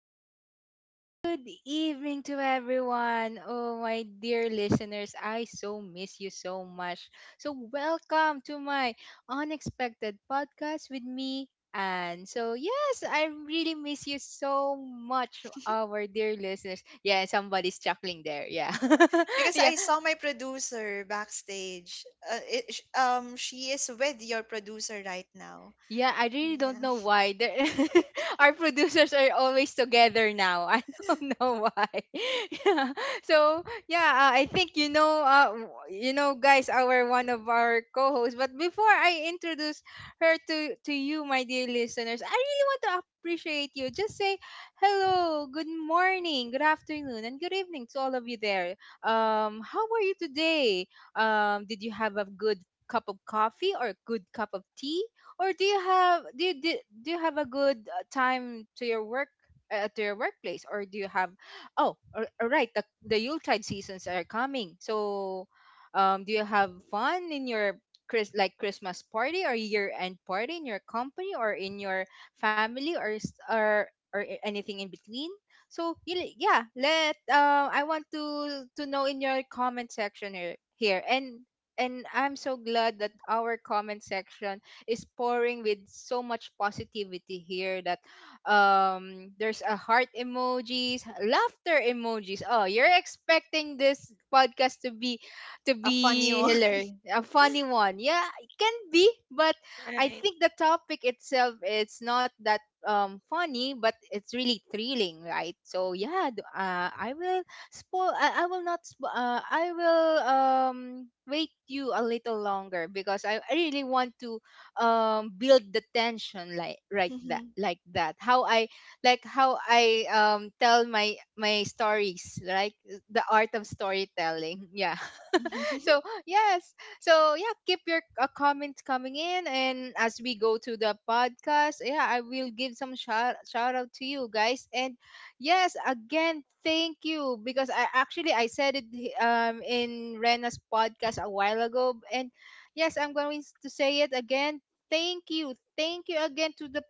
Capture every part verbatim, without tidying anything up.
afternoon, and good evening to everyone. Oh, my dear listeners, I so miss you so much. So, welcome to my unexpected podcast with me. And so, yes, I really miss you so much, our dear listeners. Yeah, somebody's chuckling there. Yeah. Because yeah. I saw my producer backstage. Uh, it, sh- um, she is with your producer right now. Yeah, I really don't Yeah, know why. The- Our producers are always together now. I don't know why. Yeah. So, yeah, uh, I think you know uh w- you know guys our one of our co-hosts, but before I introduce her to to you my dear listeners, I really want to appreciate you. Just say hello, good morning, good afternoon, and good evening to all of you there. Um how are you today? Um did you have a good cup of coffee or a good cup of tea? Or do you have do you, do, do you have a good uh, time to your work uh, to your workplace, or do you have oh all all right, the the Yuletide seasons are coming. So um do you have fun in your Chris like Christmas party or year end party in your company or in your family, or s- or or a- anything in between? So yun- yeah, let uh, I want to to know in your comment section here, here and and I'm so glad that our comment section is pouring with so much positivity here, that um there's a heart emojis, laughter emojis. Oh, you're expecting this podcast to be to a funny be one. hilarious, a funny one. Yeah, it can be, but I Right. think the topic itself, it's not that um funny, but it's really thrilling, right? So yeah, d- uh, I will spoil I, I will not spo- uh, i will um wait you a little longer, because i I really want to um build the tension, like right that, Mhm, like that, how I like how I um tell my my stories, like the art of storytelling. yeah so mhm, yes. So yeah, keep your uh, comments coming in, and as we go to the podcast, yeah, I will give some shout, shout out to you guys. And yes, again, thank you, because i actually i said it h- um in Rena's podcast a while ago, and yes, i'm going s- to say it again. Thank you. Thank you again to the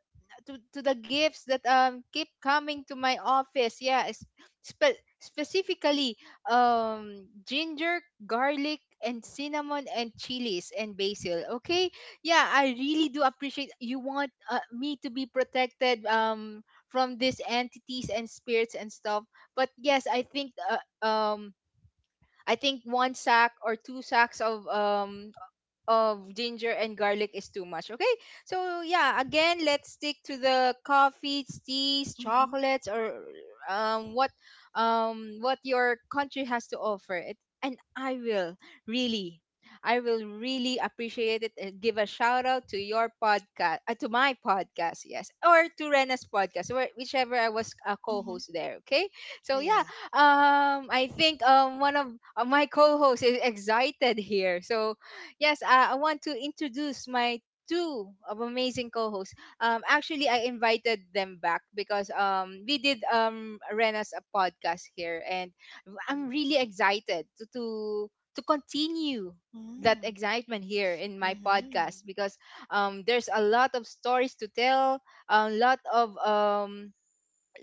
to, to the gifts that um keep coming to my office. Yeah, it's spe- specifically um ginger, garlic, and cinnamon and chilies and basil. Okay? Yeah, I really do appreciate you want uh, me to be protected um from these entities and spirits and stuff. But yes, I think uh, um I think one sack or two sacks of um of ginger and garlic is too much. Okay? So yeah, again, let's stick to the coffees, teas, mhm, chocolates, or um what um what your country has to offer. It, and I will really I will really appreciate it and give a shout out to your podcast, uh, to my podcast, yes, or to Rena's podcast, where, whichever I was a mhm. co-host there. Okay, so yeah, Yeah. um, I think um one of uh, my co-hosts is excited here, so yes, uh, I want to introduce my two of amazing co-hosts. Um, actually, I invited them back because um, we did um Rena's a podcast here, and I'm really excited to to, to continue that Mm, excitement here in my mhm, podcast, because um, there's a lot of stories to tell, a lot of um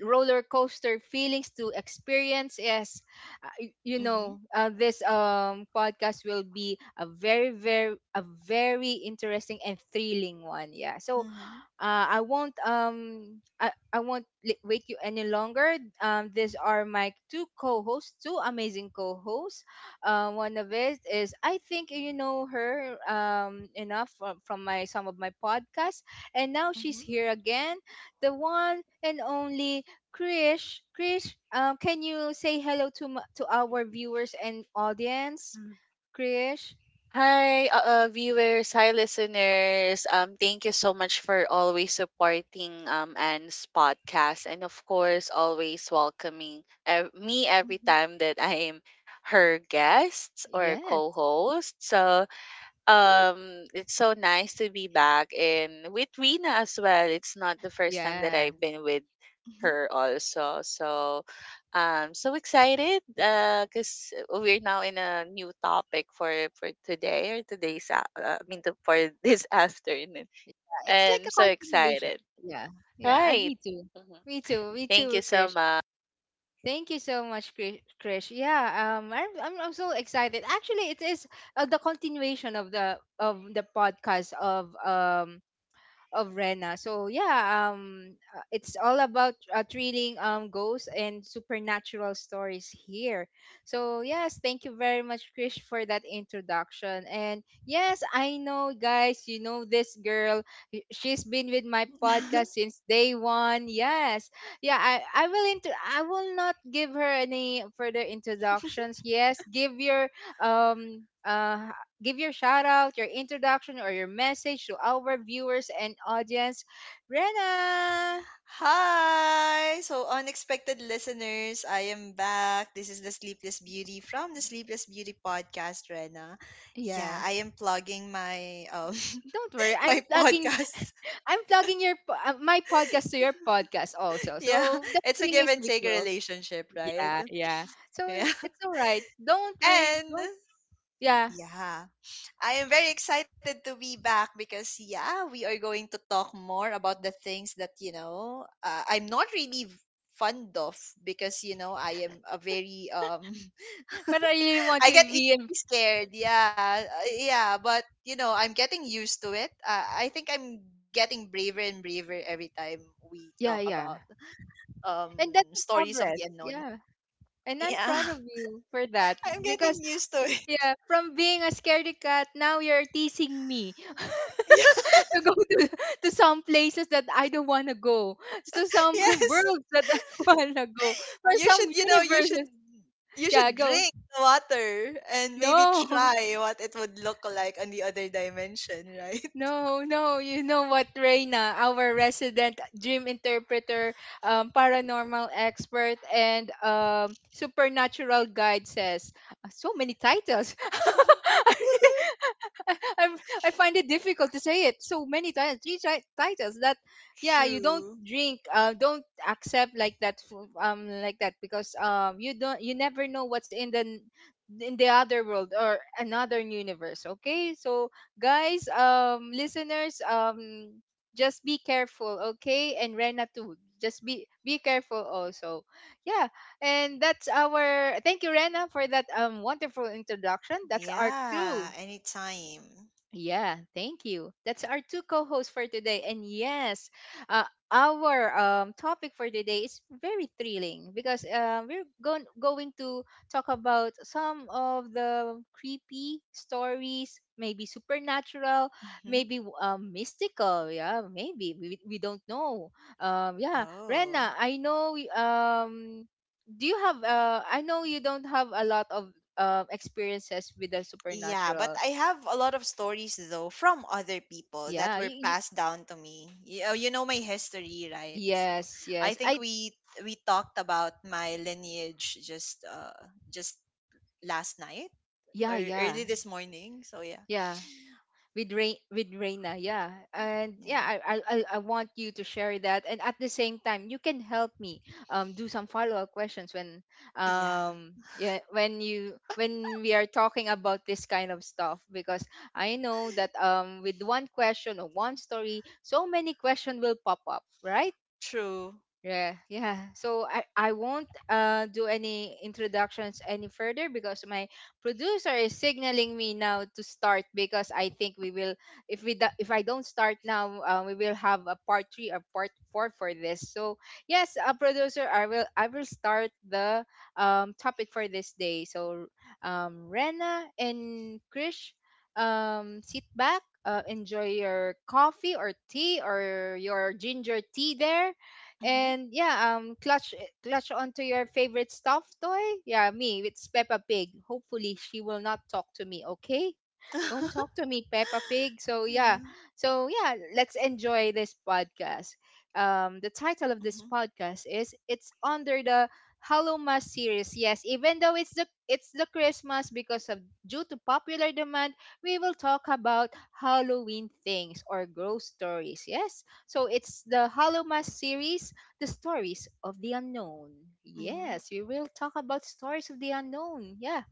roller coaster feelings to experience. Yes, uh, y- you mhm, know, uh, this um podcast will be a very very a very interesting and thrilling one. Yeah, so mhm, uh, I won't um I, I won't li- wait you any longer. Um, these are my two co-hosts, two amazing co-hosts. Uh, one of it is, I think you know her um enough from, from my some of my podcasts, and now she's mhm, here again, the one and only Krish. Krish, um, can you say hello to m- to our viewers and audience? Mm. Krish, Hi, uh, uh, viewers. Hi, listeners. Um, thank you so much for always supporting um Anne's podcast, and of course, always welcoming ev- me every mhm, time that I am her guest or yes, co-host. So, um it's so nice to be back and with Rina as well. It's not the first time that yeah. I've been with mhm. her also. So um so excited uh cuz we're now in a new topic for for today or today's a- uh, I mean the, for this afternoon. It's like And I'm a so continuation. excited. Yeah. Yeah. I Right. me too. Mhm. Me too. Me Thank you too, so Krish. much. Thank you so much, Kri- Krish. Yeah, um, I'm, I'm I'm so excited. Actually, it is uh, the continuation of the of the podcast of um of Rena. So yeah, um, uh, it's all about uh, thrilling um ghosts and supernatural stories here. So yes, thank you very much, Krish, for that introduction. And yes, I know, guys, you know this girl. y- She's been with my podcast since day one. Yes, yeah, I I will into I will not give her any further introductions. Yes, give your um uh give your shout out, your introduction, or your message to our viewers and audience. Rena, Hi! So, unexpected listeners, I am back. This is the Sleepless Beauty from the Sleepless Beauty podcast, Rena. Yeah, yeah, I am plugging my um don't worry. I'm my plugging. podcast. I'm plugging your po- uh, my podcast to your podcast also. Yeah, So the it's a feeling give is and take mutual. relationship, right? Yeah, yeah. So Yeah. it's all right. Don't worry. And Don't. Yeah, yeah, I am very excited to be back because yeah, we are going to talk more about the things that, you know, uh, I'm not really v- fond of because, you know, I am a very um but I really want I get to be. in- easily scared. Yeah. uh, Yeah, but you know, I'm getting used to it. Uh, I think I'm getting braver and braver every time we Yeah, talk yeah. about um And that's a stories of progress. the unknown. Yeah. And I'm Yeah. proud of you for that I'm because getting used to it. yeah, from being a scaredy cat, now you're teasing me Yeah, to go to to some places that I don't want to go, to some yes. worlds that I want to go, or You some should, you know, you should universes. you Yeah, should go. drink the water and maybe No, try what it would look like on the other dimension, right? no, no. You know what, Reina, our resident dream interpreter, um, paranormal expert, and um, supernatural guide says. Uh, So many titles. I'm, I find it difficult to say it so many times, three tri- titles that, yeah, you don't True. drink, uh, don't accept like that, f- um, like that, because um, you don't, you never know what's in the n- in the other world or another universe. Okay, so guys, um, listeners, um, just be careful, okay, and Rena too. Just be be careful also. Yeah, and that's our thank you, Rena, for that um wonderful introduction. That's arc Yeah, two. anytime. Yeah, thank you. That's our two co-hosts for today. And yes, uh, our um, topic for today is very thrilling because uh, we're going going to talk about some of the creepy stories, maybe supernatural, Hmm. maybe um, mystical. Yeah, maybe we, we don't know. Um, yeah, Oh. Rena, I know. Y- Um, do you have? Uh, I know you don't have a lot of uh, experiences with the Yeah, but supernatural. I have a lot of stories though from other people that Yeah, were you, you. passed down to me. You, oh, you know my history, right? So Yes, I yes. think I we we talked about my lineage just uh just last night yeah, or yeah, early this morning. So yeah, yeah. With Rain with Reina, yeah. And yeah, yeah, I, I I I want you to share that. And at the same time, you can help me um do some follow up questions when yeah, um yeah when you when we are talking about this kind of stuff, because I know that um with one question or one story, so many questions will pop up, right? true. Yeah, yeah. So I, I won't uh, do any introductions any further, because my producer is signaling me now to start, because I think we will, if we do, if I don't start now, uh, we will have a part three or part four for this. So yes, uh, producer, I will I will start the um topic for this day. So um Rena and Krish, um sit back, uh, enjoy your coffee or tea or your ginger tea there, Mm-hmm. and yeah, um, clutch clutch onto your favorite stuffed toy. Yeah, me, it's Peppa Pig. Hopefully, she will not talk to me. Okay. Don't talk to me, Peppa Pig. So Yeah. yeah. So yeah, let's enjoy this podcast. Um, the title of Mm-hmm. this podcast is it's under the Hallowmas series. Yes, even though it's the it's the Christmas, because of due to popular demand, we will talk about Halloween things or ghost stories. Yes. So it's the Hallowmas series, the stories of the unknown. Mm-hmm. Yes, we will talk about stories of the unknown. Yeah.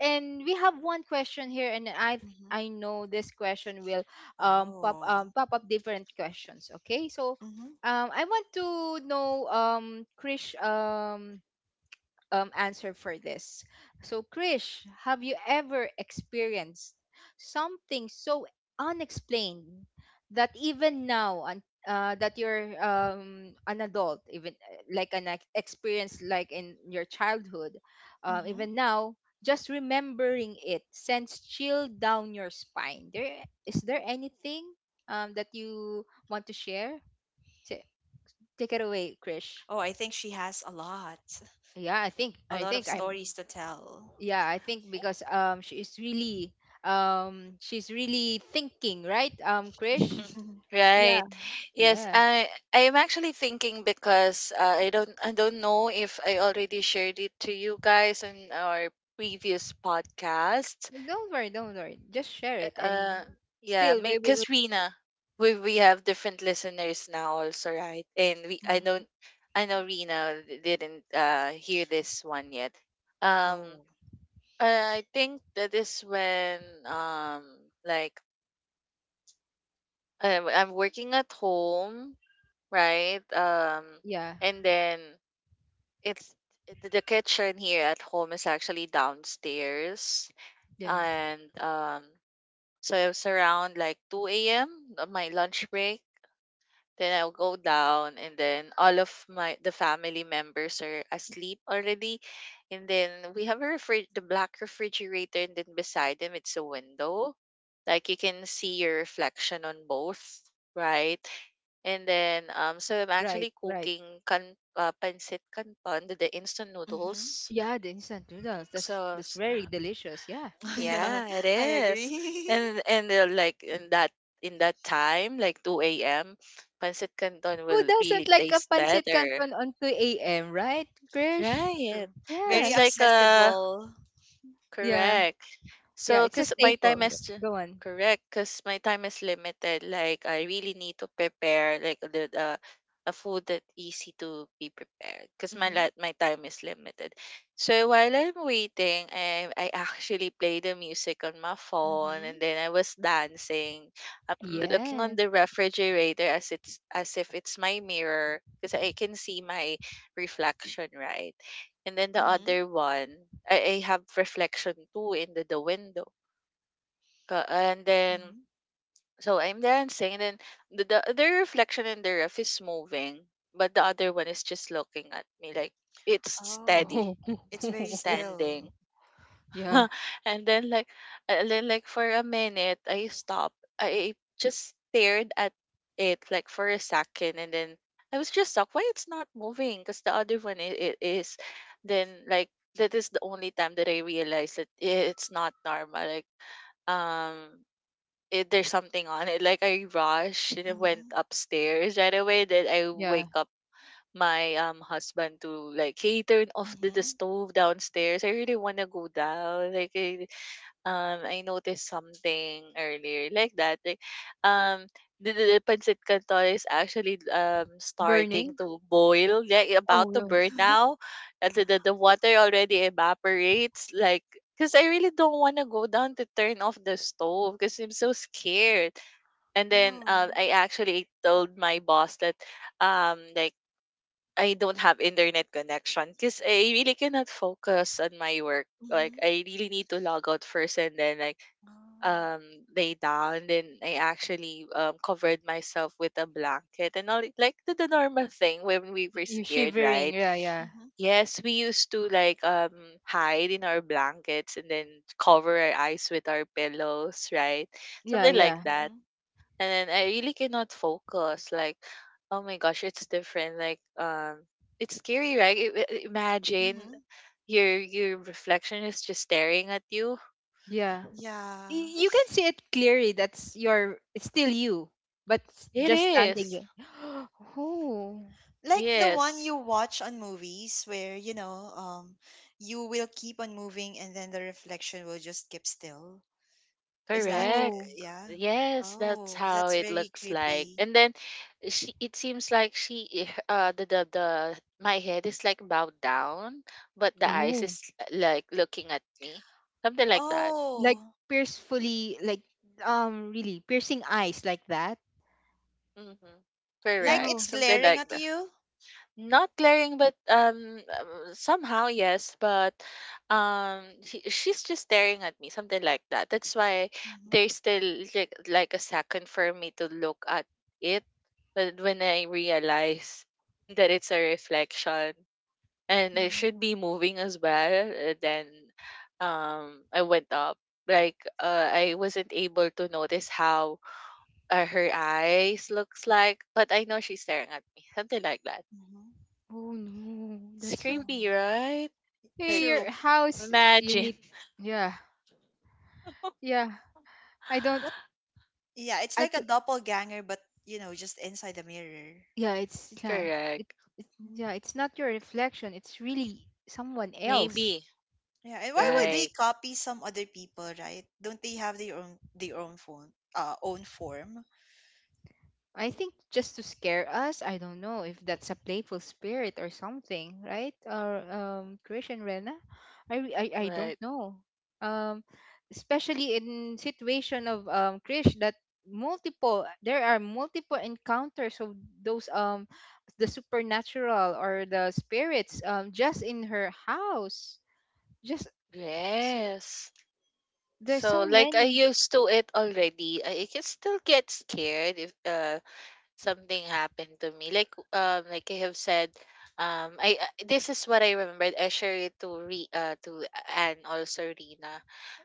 And we have one question here, and I Mm-hmm. I know this question will um pop Oh. um pop up different questions. Okay, so Mm-hmm. um I want to know um Krish um um, answer for this. So, Krish, have you ever experienced something so unexplained that even now, un- uh, that you're um, an adult, even uh, like an ex- experience like in your childhood, uh, Mm-hmm. even now, just remembering it sends chill down your spine. There, is there anything um, that you want to share? Ta- Take it away, Oh, Krish. I think she has a lot, Yeah, I think a I lot of think I'm stories Mhm. to tell. yeah, I think, because um she is really um she's really thinking, right? Um, Krish, yeah, Right. Yes, yeah, I I am actually thinking because uh, I don't I don't know if I already shared it to you guys in our previous podcast. don't worry, don't worry, just share it, and Uh yeah, still we will. because Rina, we we have different listeners now also, right? And we I Mm-hmm. don't I know Rina d- didn't uh hear this one yet. Um Oh. I I think that is when um like I, I'm working at home, right? Um, yeah, And then it's the the kitchen here at home is actually downstairs, yeah, and um, so it's around like two a m on my lunch break. Then I'll go down, and then all of my the family members are asleep already, and then we have a refri- the black refrigerator, and then beside them it's a window, like you can see your reflection on both, right? And then, um, so I'm right, actually right, cooking kan uh, pancit canton, the, the instant Mm-hmm. noodles. yeah, the instant noodles, that's So that's s- very delicious, yeah, go. Yeah, yeah, it I is. agree. And and uh, like in that in that time, like two a m, pancit canton Who will doesn't really like a taste pancit better. canton on two a.m., right, Krish? Try True. it. Very It's Yes, like a accessible. yeah, correct. yeah, So, it's a because my staple, time yeah. is ju- Go on. correct, because my time is limited. Like I really need to prepare like the the a food that easy to be prepared. Because my Mm-hmm. la- my time is limited. So while I'm waiting, I I actually play the music on my phone, Mm-hmm. and then I was dancing. I'm looking on Yeah. the refrigerator as it's as if it's my mirror because I can see my reflection, right? And then the Mm-hmm. other one, I, I have reflection too in the, the window. Ka- And then, Mm-hmm. so I'm dancing, and then the, the other reflection in the ref is moving, but the other one is just looking at me like it's Oh, steady, it's very Oh. still. standing. Yeah, and then like and then like for a minute I stopped. I just stared at it like for a second, and then I was just shocked why it's not moving because the other one it, it is. Then like that is the only time that I realized that i- it's not normal. Like, um it, there's something on it. Like, I rushed and I went Mm-hmm. upstairs right away, then I yeah, wake up my um husband to like, hey, turn off the, the Mm-hmm. stove downstairs, I really wanna go down. like I, um, I noticed something earlier like that. Like, um, the, the, the pancit canton is actually um starting burning. to boil, like Oh, about to yeah. burn now. And the, the, the water already evaporates. Like, because I really don't want to go down to turn off the stove because I'm so scared. And then uh, Oh. I actually told my boss that um like I don't have internet connection because I really cannot focus on my work. Like Mm-hmm. I really need to log out first, and then like Oh. um lay down. Then I actually um covered myself with a blanket and all, like the, the normal thing when we were You're scared, shivering. right? Yeah, yeah. Mm-hmm. Yes, we used to like um hide in our blankets and then cover our eyes with our pillows, right? Yeah, Something like yeah. that. Mm-hmm. And I really cannot focus. Like, oh my gosh, it's different. Like, um, it's scary, right? I- i- Imagine Mm-hmm. your your reflection is just staring at you. Yeah. Yeah. Y- You can see it clearly. That's your it's still you, but s- It just standing is. there. Oh. Like the one you Yes, watch on movies where, you know, um, you will keep on moving and then the reflection will just keep still. Is that, eh, correct. Whoa. eh, yeah? Yes, that's Oh, how that's it very looks like. creepy. And then she, it seems like she, eh, uh, the, the the my head is like bowed down, but the eyes Oh. is like looking at me, something like that. Like Oh, piercefully like um really piercing eyes like that. Mm-hmm. like Correct, Yo. it's something glaring like. at you? Not glaring, but um, um, somehow yes, but um, she, she's just staring at me, something like that. That's why Mm-hmm, there's still like, like a second for me to look at it, but when I realize that it's a reflection and I mm-hmm, should be moving as well, uh, then um, I went up. Like uh, I wasn't able to notice how uh, her eyes looks like, but I know she's staring at me, something like that. hmm. Oh no, It's that's so... creepy, Oh, right? Like, Hey, true. your house, you imagine. need... Yeah. Yeah. I don't What? Yeah, it's I like a doppelganger, but you know, just inside the mirror. yeah, it's yeah, it, Correct. it, Mm. yeah, it's not your reflection. It's really someone else. Maybe. Yeah, and why would Yeah, they Right. copy some other people, right? Don't they have their own their own phone, uh, own form? I think just to scare us. I don't know if that's a playful spirit or something, right? Or um, Christian Rena, I, re- I I don't Right. know. Um, especially in situation of um Krish that multiple there are multiple encounters of those um the supernatural or the spirits um just in her house, just... Yes. There's So so like I many. used to it already. I I can still get scared if uh something happened to me. Like um like I have said, um I I- this is what I remembered. I shared it to Re uh to and also Rina.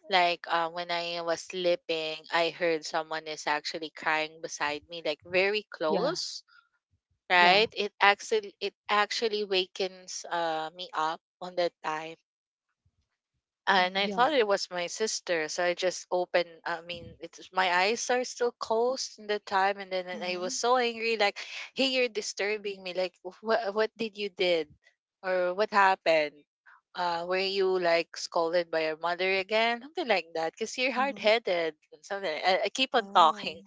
Like uh, when I was sleeping, I heard someone is actually crying beside me, like very Yeah, close. yeah, Right? It actually it actually wakens uh me up on that time, and I Mm-hmm, yeah, thought it was my sister, so I just opened, I mean, it's my eyes are still closed in the time, and then I mm-hmm, was so angry, like, "Hey, you're disturbing me! Like, what what did you did, or what happened? Uh, were you like scolded by your mother again? Something like that, because you're hard mm-hmm. headed and something." I, I keep on Oh, talking,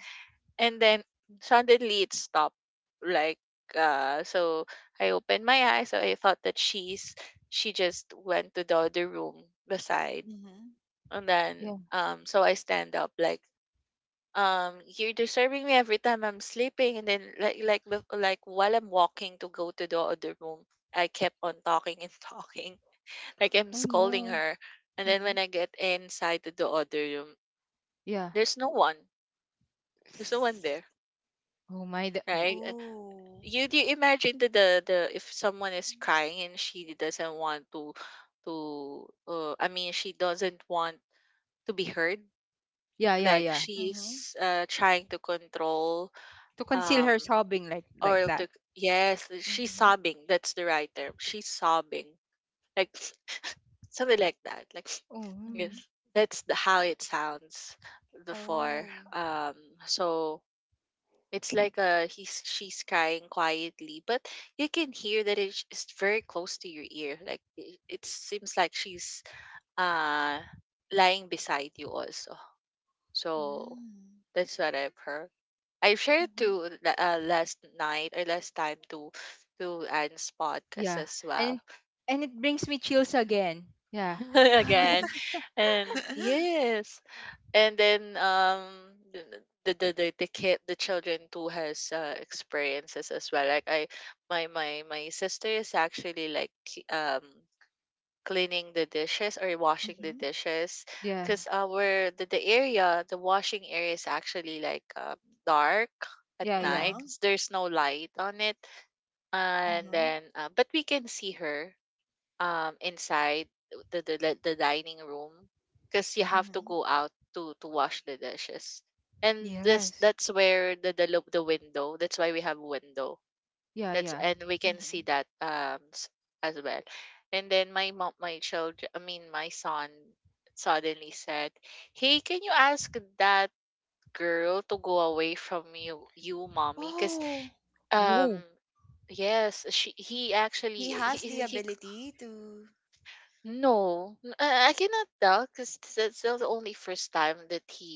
and then suddenly it stopped like. uh so I opened my eyes, so I thought that she's she just went to the other room beside. mm-hmm, And then yeah. um so I stand up, like, um you're disturbing me every time I'm sleeping. And then like like bef- like while I'm walking to go to the other room, I kept on talking and talking, like I'm Oh scolding no. her. And then mm-hmm. when I get inside to the other room, Yeah. there's no one, there's no one there, Oh my. D- right? Oh, You'd you imagine the the the if someone is crying and she doesn't want to to uh, I mean she doesn't want to be heard, Yeah, yeah, like yeah, mm-hmm, she's uh, trying to control to conceal um her sobbing like like or that. to yes, she's mm-hmm, sobbing. That's the right term, she's sobbing, like something like that, like Oh, yes. mm-hmm. mm. That's the, how it sounds before. Oh, um so it's like uh he's she's crying quietly, but you can hear that it's it's very close to your ear. Like it, it seems like she's uh lying beside you also. So mm-hmm. that's what I've heard. I've shared to la- uh, last night or last time to to Anne's podcast Yeah. as well. And and it brings me chills again. Yeah, Oh my Again, God. and yes. And then um the the the, the the kid the children too has uh, experiences as well. Like I my my my sister is actually like c- um cleaning the dishes or washing the Mm-hmm. dishes yeah, because our the, the area, the washing area, is actually like um, dark at yeah, yeah. night Uh-huh. 'cause there's no light on it. Uh And huh. then uh, but we can see her um, inside the the the the dining room because you Uh have huh. Uh to huh. go out to to wash the dishes. And this Yes. that's where the the lo- the window. That's why we have window. Yeah, That's, yeah. and we Uh can huh. see that um s- as well. And then my mom, my children, I mean my son, suddenly said, "Hey, can you ask that girl to go away from you, you mommy? Because Oh, um Whoa. yes." she he he actually he, has the he he ability to. no, n- I, I cannot tell because that's the only first time that he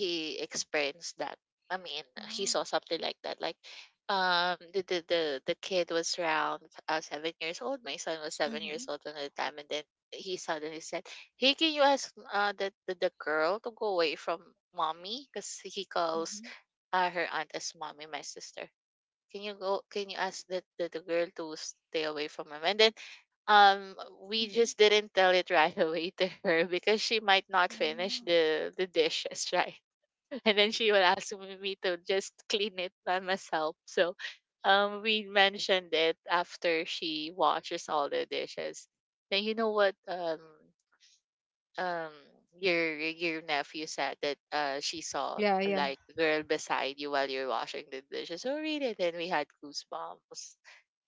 he experienced that. I mean, he Oh. saw something like that. Like, um, the the the, the kid was around uh, seven years old. My son was seven years Mhm. old at the time, and then he suddenly said, "Hey, can you ask uh the the, the girl to go away from mommy?" Because he calls Mhm. uh, her aunt as mommy, my sister. "Can you go? Can you ask the, the, the girl to stay away from him?" And then um we Mhm. just didn't tell it right away to her because she might not finish Wow. the the dishes right and then she would ask me me to just clean it by myself. So um we mentioned it after she washes all the dishes, and, "You know what, um um your your nephew said that uh she saw Yeah, yeah, like a girl beside you while you're washing the dishes." Oh really, then we had goosebumps.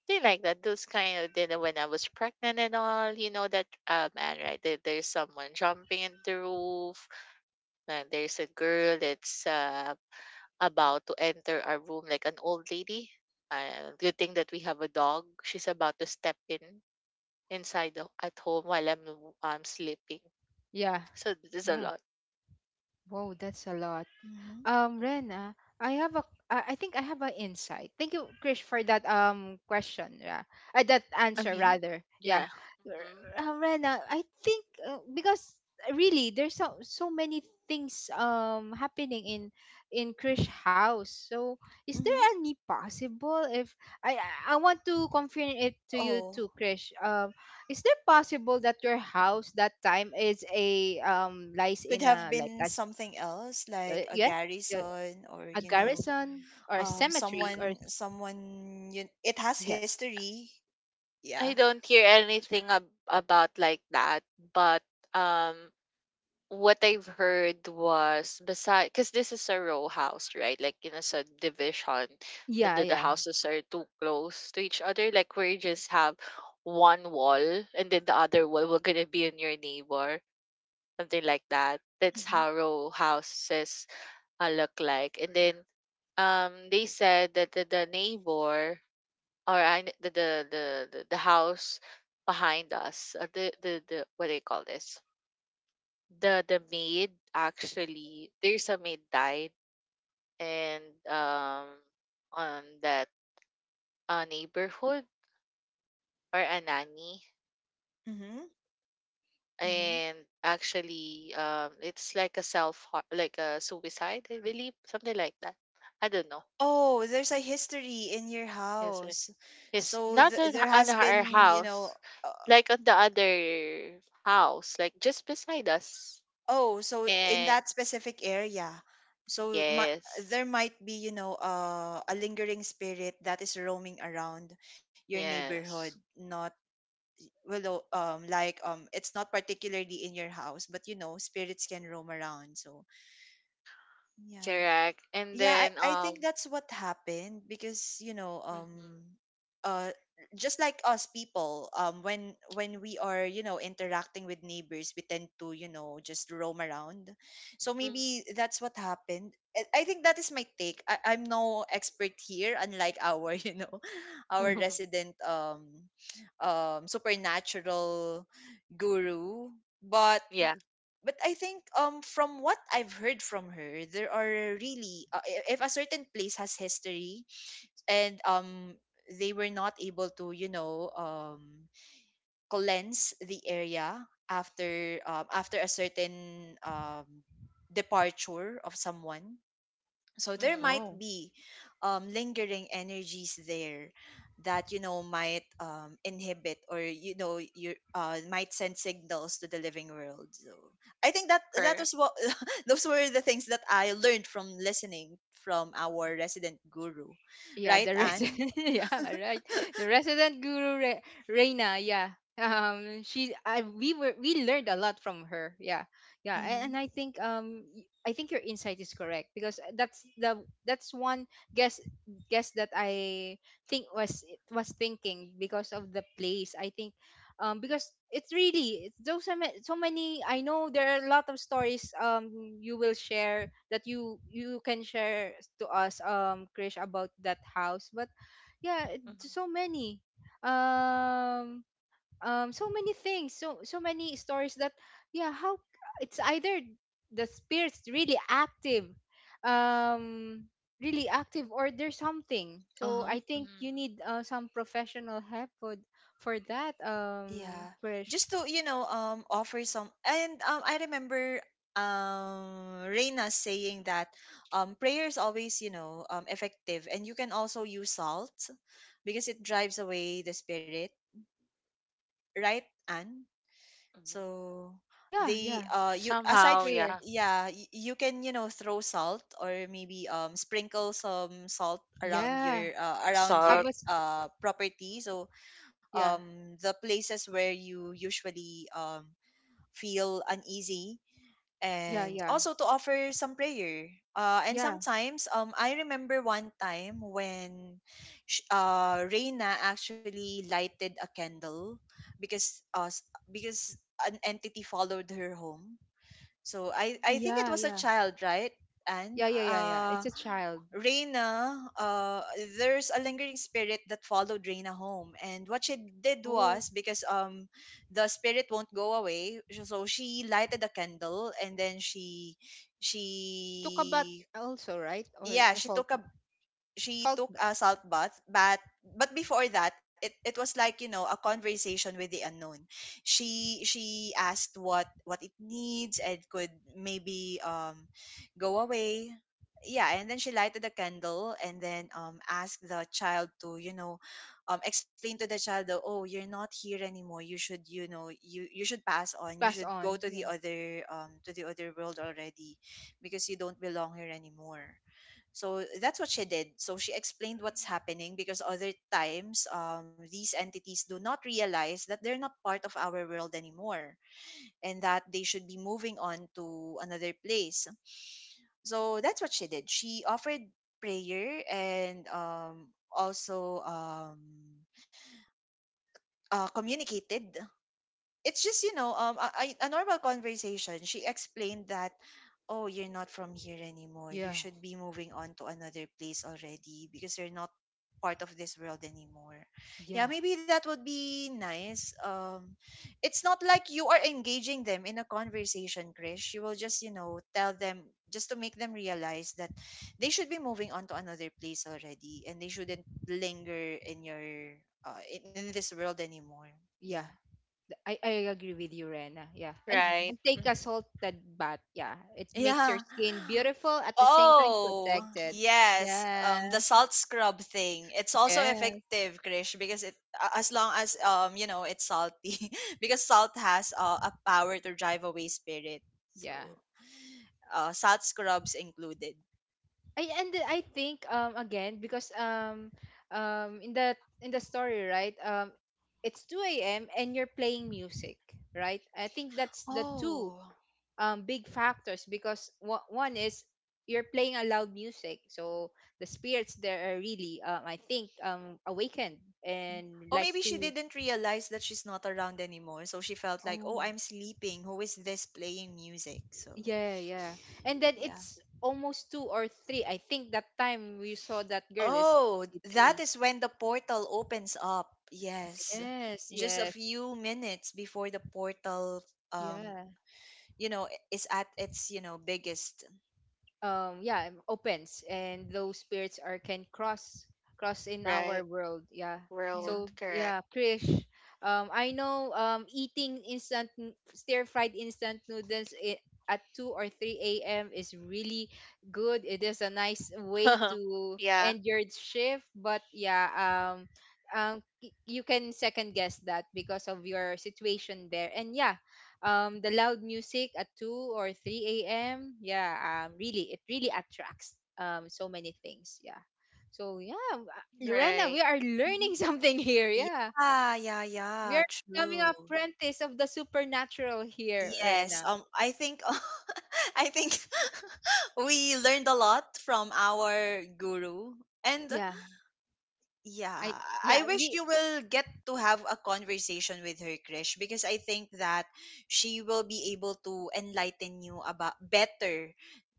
They like that. Those kind of dinner when I was pregnant and all, you know, that um and right there, there's someone jumping in the roof, and there's a girl that's uh about to enter our room, like an old lady. Uh, good thing that we have a dog. She's about to step in inside the, at home while I'm I'm sleeping. yeah, So this is a yeah. lot. Whoa, that's a lot. Mhm. Um, Mhm. Rena, I have a... I I think I have an insight. Thank you, Krish, for that um question. Yeah, uh, that I answer mean, Mhm. rather. Yeah, yeah. R- Mhm. uh, Rena, I think uh, because uh, really there's so so many things um happening in in Krish house. So is there Mhm. any possible if I I I want to confirm it to you Oh, too, Krish. Um, is there possible that your house that time is a um lies could in have a like been a... something else uh, like a yeah, yeah, garrison or a you know, garrison or a um, cemetery or someone, someone. You, it has yeah, history. Yeah. I don't hear anything ab- about like that, but um what I've heard was beside, because this is a row house, right? Like in a subdivision, the, yeah, the the yeah. houses are too close to each other. Like we just have one wall, and then the other wall will gonna be in your neighbor, something like that. That's Mhm. how row houses uh, look like. And then um, they said that the, the neighbor or I the the the the, the house behind us, uh, the the the what do you call this? The the maid, actually there's a maid died and um on that uh, neighborhood, or a nanny. Mhm. Mhm. And actually um it's like a self har- like a suicide, I believe, something like that. I don't know. Oh, there's a history in your Is it? house, It's so not th- in, h- there has on our been, you know. house, like on the other house, like just beside us. Oh, so in And that specific area, so my yes, there might be, you know, uh, a lingering spirit that is roaming around your neighborhood, yes, not well, o- um, like um, it's not particularly in your house, but you know, spirits can roam around. So yeah. correct. And Yeah, I, then I um think that's what happened because you know um Mhm. uh just like us people um when when we are you know interacting with neighbors we tend to, you know, just roam around, so Mm. maybe that's what happened. i I think that is my take. I, I'm no expert here, unlike our you know our Mhm. resident um um supernatural guru, but Yeah. but I think um from what I've heard from her, there are really uh, i- if a certain place has history and um they were not able to, you know, um cleanse the area after um after a certain um departure of someone, so there might Oh, Hmm. be um, lingering energies there that, you know, might um, inhibit or, you know, you uh, might send signals to the living world. So I think that that Correct. was what those were the things that I learned from listening from our resident guru, yeah, right, the Anne? resident yeah, right, the resident guru Re- reina, yeah. Um, she I, we were, we learned a lot from her, yeah. Yeah, a- Mm-hmm. and I think um y- I think your insight is correct because that's the that's one guess, guess that I think was was thinking because of the place, I think. Um, because it's really it's so, so ma- so many. I know there are a lot of stories um you will share that you you can share to us um Krish about that house, but yeah, it- Hmm. so many um, um so many things, so so many stories that yeah. How it's either the spirits really active, um, really active, or there's something, so Uh-huh. I think you Hmm. need uh, some professional help for for that Yeah. um Just Krish. to, you know, um offer some. And um I remember um Reina saying that um prayer is always, you know, um effective, and you can also use salt because it drives away the spirit, right, Anne? Hmm. So Yeah, they yeah, uh you it's aside Somehow, f- prayer, yeah. yeah, y- you can, you know, throw salt or maybe um sprinkle some salt around yeah. your uh, around your Have Salt. us, uh property, so yeah, um the places where you usually um feel uneasy, yeah, and yeah, also to offer some prayer. Uh, and yeah. sometimes, um, I remember one time when sh- uh, Reina actually lighted a candle because uh, because an entity followed her home, so I Oh, I think it Mm-hmm. yeah, was a yeah, child, right? And yeah, yeah, yeah, yeah, uh it's a child. Reina, uh, there's a lingering spirit that followed Reina home. And what she did Oh, was because um the spirit won't go away, so so she lighted a candle and then she Took a bath she also, right? Or yeah, the she salt, took a she salt took a bath. salt bath, but but before that, it, it was like, you know, a conversation with the unknown. She she asked what what it needs and could maybe um go away, yeah, and then she lighted a candle and then um asked the child to, you know, um explain to the child that, oh, you're not here anymore, you should, you know, you you should pass on, you Pass should go on, to yeah, the other um to the other world already because you don't belong here anymore. So that's what she did. So she explained what's happening because other times um, these entities do not realize that they're not part of our world anymore, and that they should be moving on to another place. So that's what she did. She offered prayer and um, also um, uh, communicated. It's just, you know, um a, a a normal conversation. She explained that, oh, you're not from here anymore, you yeah, should be moving on to another place already because you're not part of this world anymore. Yeah, yeah. maybe that would be nice. Um it's not like you are engaging them in a conversation, Chris, you will just, you know, tell them just to make them realize that they should be moving on to another place already and they shouldn't linger in your uh, in, in this world anymore. Yeah. Yeah, th- I, I agree with you, Rena. Yeah. And, Mm-hmm. right. and take Hmm. a salted bath. Yeah, it makes your Yeah. skin beautiful, at the same time Oh, protected. yes. Yeah. Um, the salt scrub thing. It's also Yes. effective, Krish, because it a- as long as um you know it's salty, because salt has uh, a power to drive away spirit. Yeah. So, uh, salt scrubs included. I, and I think um again because um um in the in the story, right? Um it's two a m and you're playing music, right? I think that's the two Oh. um, big factors because wha- one is you're playing a loud music, so the spirits there are really um, I think um awakened and Or likes maybe she to... didn't realize that she's not around anymore, so she felt like, oh, Oh, I'm sleeping. Who is this playing music? So, yeah, yeah. And then yeah. it's almost two or three, I think that time we saw that girl is Oh, already three. that is when the portal opens up. Yes. Yes, Just a yes, few minutes before the portal um yeah, you know i- is at its, you know, biggest. um yeah, um, opens and those spirits are can cross, cross in our Right. world, yeah. Yeah. World. So Correct. yeah, Krish, um I know, um eating instant, stir fried instant noodles i- at two or three a.m. is really good. It is a nice way to Yeah. end your shift, but yeah, um, um y- you can second guess that because of your situation there, and yeah, um the loud music at two or three a.m., yeah, um really it really attracts um so many things, yeah. So yeah, w- uh, Lorena, we Right. are Hmm. learning something here, yeah. Yeah, yeah, We yeah, are becoming true. apprentice of the supernatural here, Yes. Lorena. Um I think I think we learned a lot from our guru. And yeah i yeah, I yeah we wish you will get to have a conversation with her, Krish, because I think that she will be able to enlighten you about better.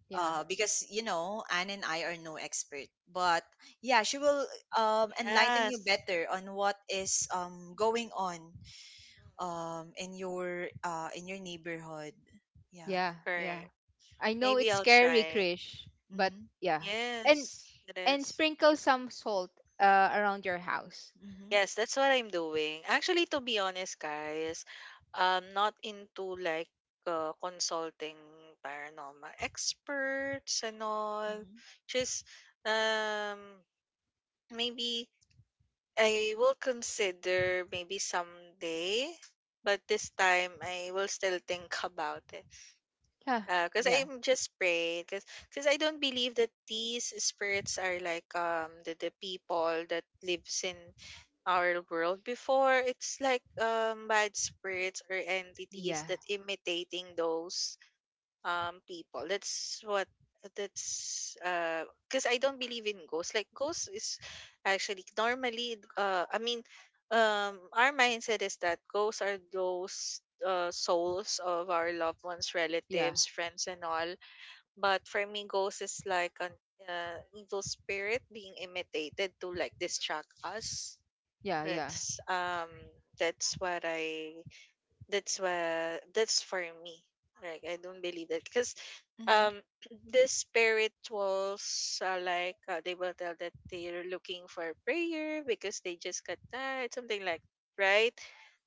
Yeah, Uh, because you know, Anne and I are no expert, but yeah, she will um enlighten you Yes. better on what is um going on Hmm. um in your uh in your neighborhood. Yeah. yeah, yeah. Correct. I know Maybe it's I'll scary, try. Krish, but Mhm. yeah, and Yes, it and is. sprinkle some salt uh around your house. Mhm. Yes, that's what I'm doing. Actually, to be honest, guys, I'm not into like uh, consulting paranormal experts and all. Mhm. Just um maybe I will consider maybe someday, but this time I will still think about it. Yeah, Uh, cause yeah, I'm just praying, cause, 'cause I don't believe that these spirits are like um the, the people that lives in our world before. It's like um bad spirits or entities yeah, that imitating those um people. That's what that's uh because I don't believe in ghosts. Like ghosts is actually normally uh I mean, um our mindset is that ghosts are those uh souls of our loved ones, yeah, relatives, friends and all. But for me ghosts is like an uh, evil spirit being imitated to like distract us. yeah, yeah, that's um that's what I that's what, that's for me. Like I don't believe that because Mhm. um the spirituals are like uh, they will tell that they're looking for prayer because they just got tired, something like right.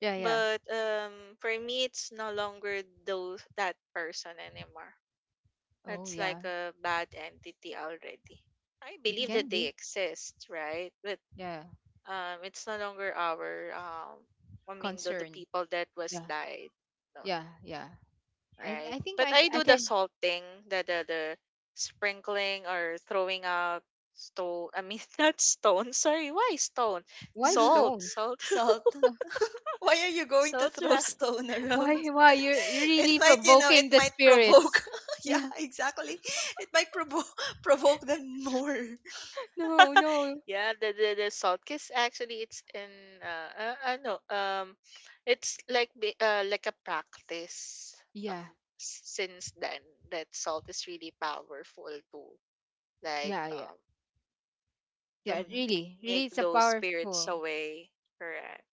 yeah, yeah. But um for me it's no longer those, that person anymore. Oh That's like yeah, a bad entity already. I it believe can Mhm. that they be. exist, right? But Yeah, um, it's no longer our um I mean, the, the concern. people that was Yeah, died. No, yeah, yeah. I right? I think But I c- I I do the can. salting, the the, the sprinkling or throwing out stone, I mean not stone, sorry, why stone? Why Salt, stone? salt, Salt. Why are you going to salt, throw yeah. stone Why around? Why you're you're It really might, you know, it provoking the might spirits? provoke. Yeah, Yeah. exactly. It might provoke provoke them more. No, no. Yeah, the the, the salt kiss, actually it's in uh, uh uh, no um it's like bi- uh like a practice, uh, Yeah, s- since then, that salt is really powerful too, like yeah, yeah, um to yeah. Mm-hmm. Really, really, make it's a those spirits powerful. away. Correct.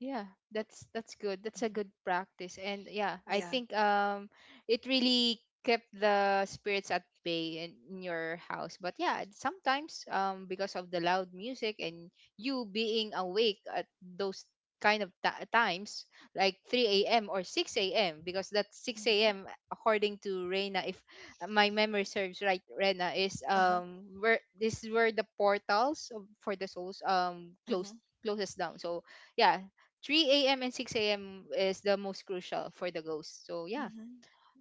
Yeah, that's that's good. That's a Hmm. good practice. And yeah, I Yeah. think um it really kept the spirits at bay in, in your house. But yeah, sometimes um because of the loud music and you being awake at those kind of ta times, like three a m or six a m, because that 6 Mm-hmm. a.m. according to Reina, if my memory serves right, Reina, is Uh huh. um where this is where the portals of- for the souls um closed, Mm-hmm. closes down. So yeah, three a m and six a m is the most crucial for the ghost. So yeah, Mm-hmm.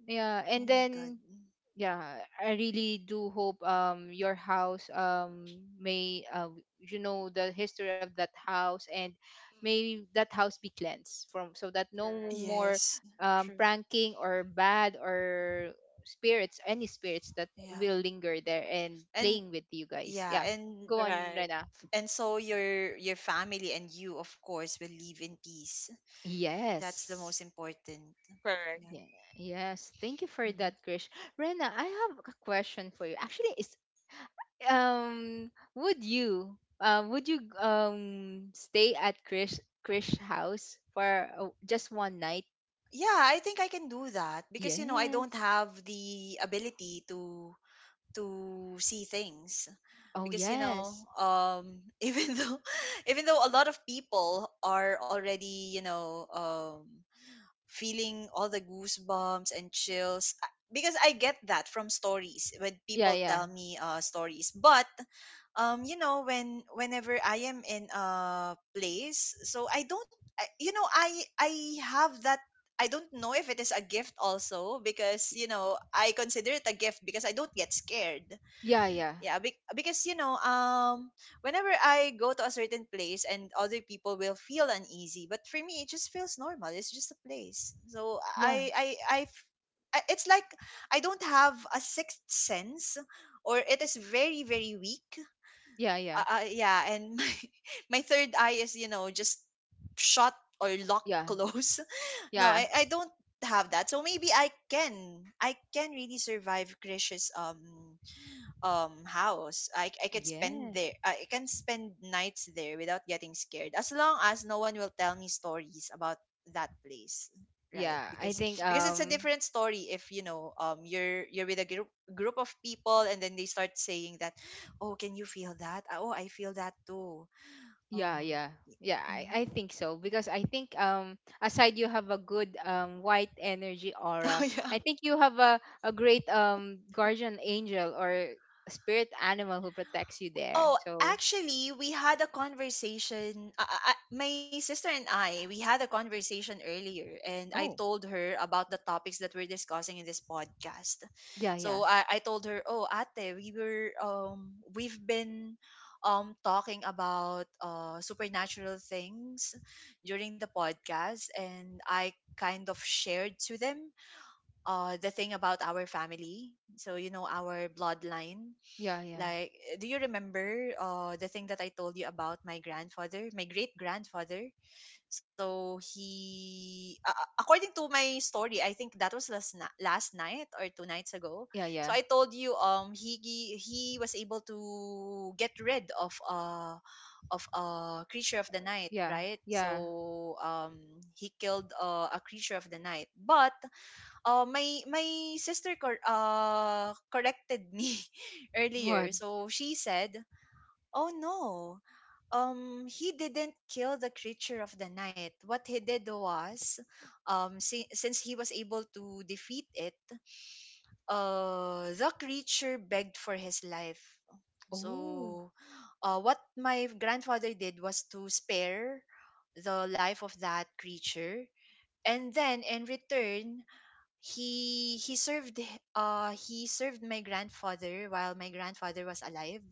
yeah, Oh and my god. then yeah, I really do hope um your house um may uh, you know, the history of that house and may Mm-hmm. that house be cleansed from, so that no more Yes. um True. pranking or bad or spirits, any spirits that Yeah. will linger there and And playing with you guys. yeah, Yeah, and go Correct. on, Right. Rena. and so your your family and you, of course, will live in peace. That's the Yes. most important. Correct. Yeah. Yeah, yes. Thank you for Mm-hmm. that, Krish. Rena, I have a question for you. Actually, it's um would you uh, would you um stay at Krish Krish house for uh, just one night? Yeah, I think I can do that because you know I don't Yes. have the ability to to see things Oh, because you know yes. um even though even though a lot of people are already, you know, um feeling all the goosebumps and chills. I- because I get that from stories when Yeah, people yeah. tell me uh stories, but um you know when whenever I am in a place, so I don't I, you know i I have that, I don't know if it is a gift also, because you know I consider it a gift because I don't get scared, Yeah, yeah. yeah, be- because you know um whenever I go to a certain place and other people will feel uneasy, but for me it just feels normal, it's just a place. So Yeah. i i I f- I- it's like I don't have a sixth sense, or it is very very weak, Yeah, yeah. uh, uh, yeah, and my, my third eye is, you know, just shut or locked Yeah. close. No, Yeah. I, I don't have that. So maybe I can I can really survive Krish's um um house i, I can spend Yeah. there I can spend nights there without getting scared, as long as no one will tell me stories about that place, right? Yeah. I because think because it's a um... different story if you know um you're you're with a group group of people and then they start saying that, "Oh, can you feel that?" "Ah, oh, I feel that too." Yeah, "Oh." yeah. Yeah, I, Mhm. I think so, because I think um aside, you have a good um white energy aura, Oh, yeah. I think you have a, a great um guardian angel or spirit animal who protects you there. Oh, So, actually, we had a conversation. Uh, uh, uh, my sister and I, we had a conversation earlier, and I oh, told her about the topics that we're discussing in this podcast. yeah, yeah. So I, I told her, "Oh, Ate, we were um we've been um talking about uh supernatural things during the podcast, and I kind of shared to them uh the thing about our family. So you know our bloodline." Yeah, yeah. Like, uh, do you remember uh, the thing that I told you about my grandfather, my great grandfather? So he, uh, according to my story, I think that was last na- last night or two nights ago. Yeah, So yeah. I told you, um, he he he was able to get rid of uh of a creature of the night, Yeah. right? Yeah. So um, he killed uh, a creature of the night, but uh, my my sister cor- uh, corrected me earlier. What? So she said, "Oh no, um, he didn't kill the creature of the night. What he did was, um, si- since he was able to defeat it, uh, the creature begged for his life. Oh, So, uh, what my grandfather did was to spare the life of that creature." And then in return, he he served uh he served my grandfather while my grandfather was alive.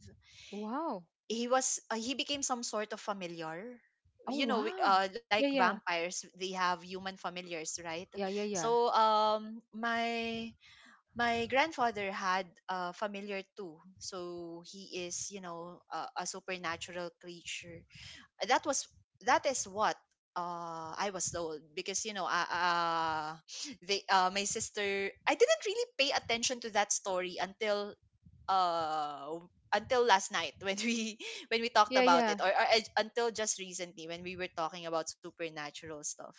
wow. He was uh, he became some sort of familiar. Oh, You know, we- wow. uh like Yeah, yeah. vampires, they have human familiars, right? Yeah, yeah, yeah. So um my my grandfather had a familiar too, so he is, you know, a, a supernatural creature that was, that is what uh I was told, because you know uh, uh they uh my sister, I didn't really pay attention to that story until uh until last night when we when we talked Yeah, about yeah. it, or, or I- until just recently when we were talking about supernatural stuff.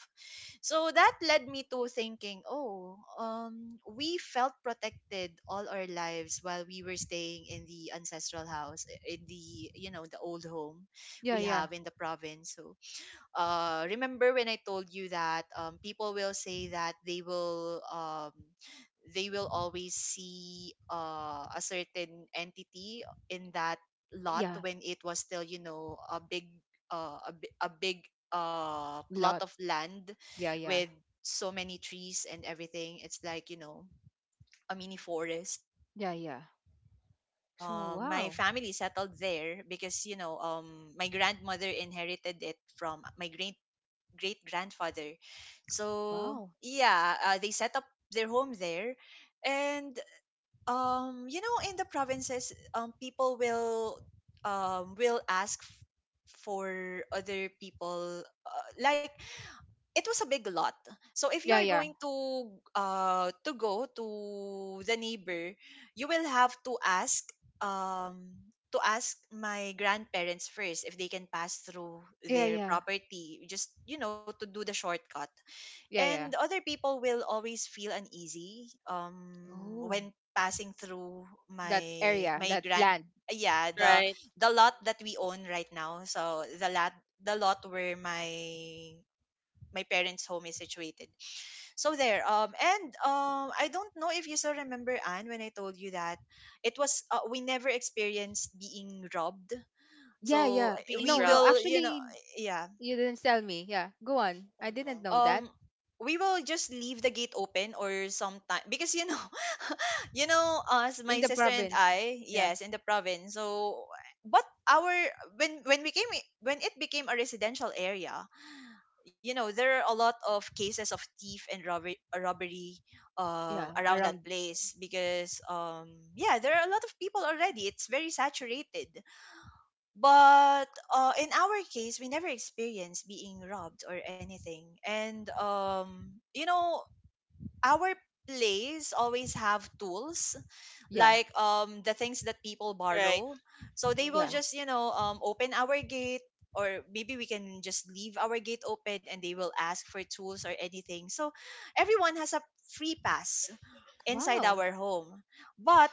So that led me to thinking, oh, um, we felt protected all our lives while we were staying in the ancestral house, in the you know the old home Yeah, we yeah. have in the province. So uh, remember when I told you that um, people will say that they will um, they will always see uh, a certain entity in that lot Yeah, when it was still you know a big uh, a, bi- a big uh, plot lot. of land Yeah, yeah. with so many trees and everything. It's like, you know, a mini forest. Yeah, And then yeah. when when So, uh, my wow. family settled there because you know um my grandmother inherited it from my great great grandfather. So Wow. yeah, uh, they set up their home there. And um you know in the provinces um people will um will ask f- for other people, uh, like, it was a big lot. So if you are Yeah, yeah. going to uh to go to the neighbor, you will have to ask um to ask my grandparents first if they can pass through Yeah, their yeah. property, just you know to do the shortcut. Yeah, And yeah. other people will always feel uneasy um Oh, when passing through that my area, my that grand— land. yeah, the Right. the lot Mm-hmm. that we own right now. So the lot, the lot where my my parents' home is situated. So there. Um, and um, I don't know if you still remember, Anne, when I told you that it was uh, we never experienced being robbed. Yeah, So yeah. eh, Being we No, no, robbed. will, you know, actually yeah. you didn't tell me. Yeah. Go on. I didn't Mm-hmm. know Um, that. we will just leave the gate open, or sometime, because you know, you know, us, In my the sister and province. I, Yeah. yes, in the province. So, but our— when when we came, when it became a residential area, you know there are a lot of cases of thief and robbery, robbery Yeah, um, around that around, place, because um, yeah, there are a lot of people already, it's very saturated. But uh, in our case we never experienced being robbed or anything. And um, you know, our place always have tools, yeah. like um the things that people Right. borrow. So they will Yeah. Mm-hmm. just you know um open our gate, or maybe we can just leave our gate open and they will ask for tools or anything. So everyone has a free pass inside Wow. our home. But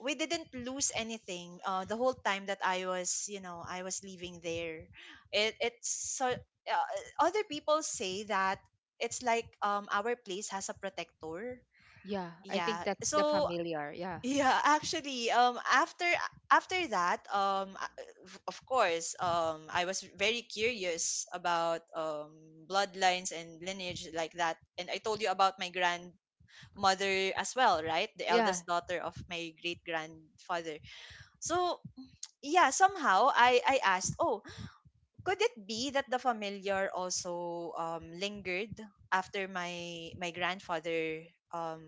we didn't lose anything uh, the whole time that I was you know I was living there. It it's so uh, other people say that it's like um our place has a protector. Yeah, I think Yeah, that's the so familiar. Yeah. yeah, actually, um, after after that, um, I- of of course, um, I was very curious about um bloodlines and lineage like that, and I told you about my grandmother as well, right? The Yeah. eldest daughter of my great grandfather. So yeah, somehow I I asked, oh, could it be that the familiar also um lingered after my my grandfather um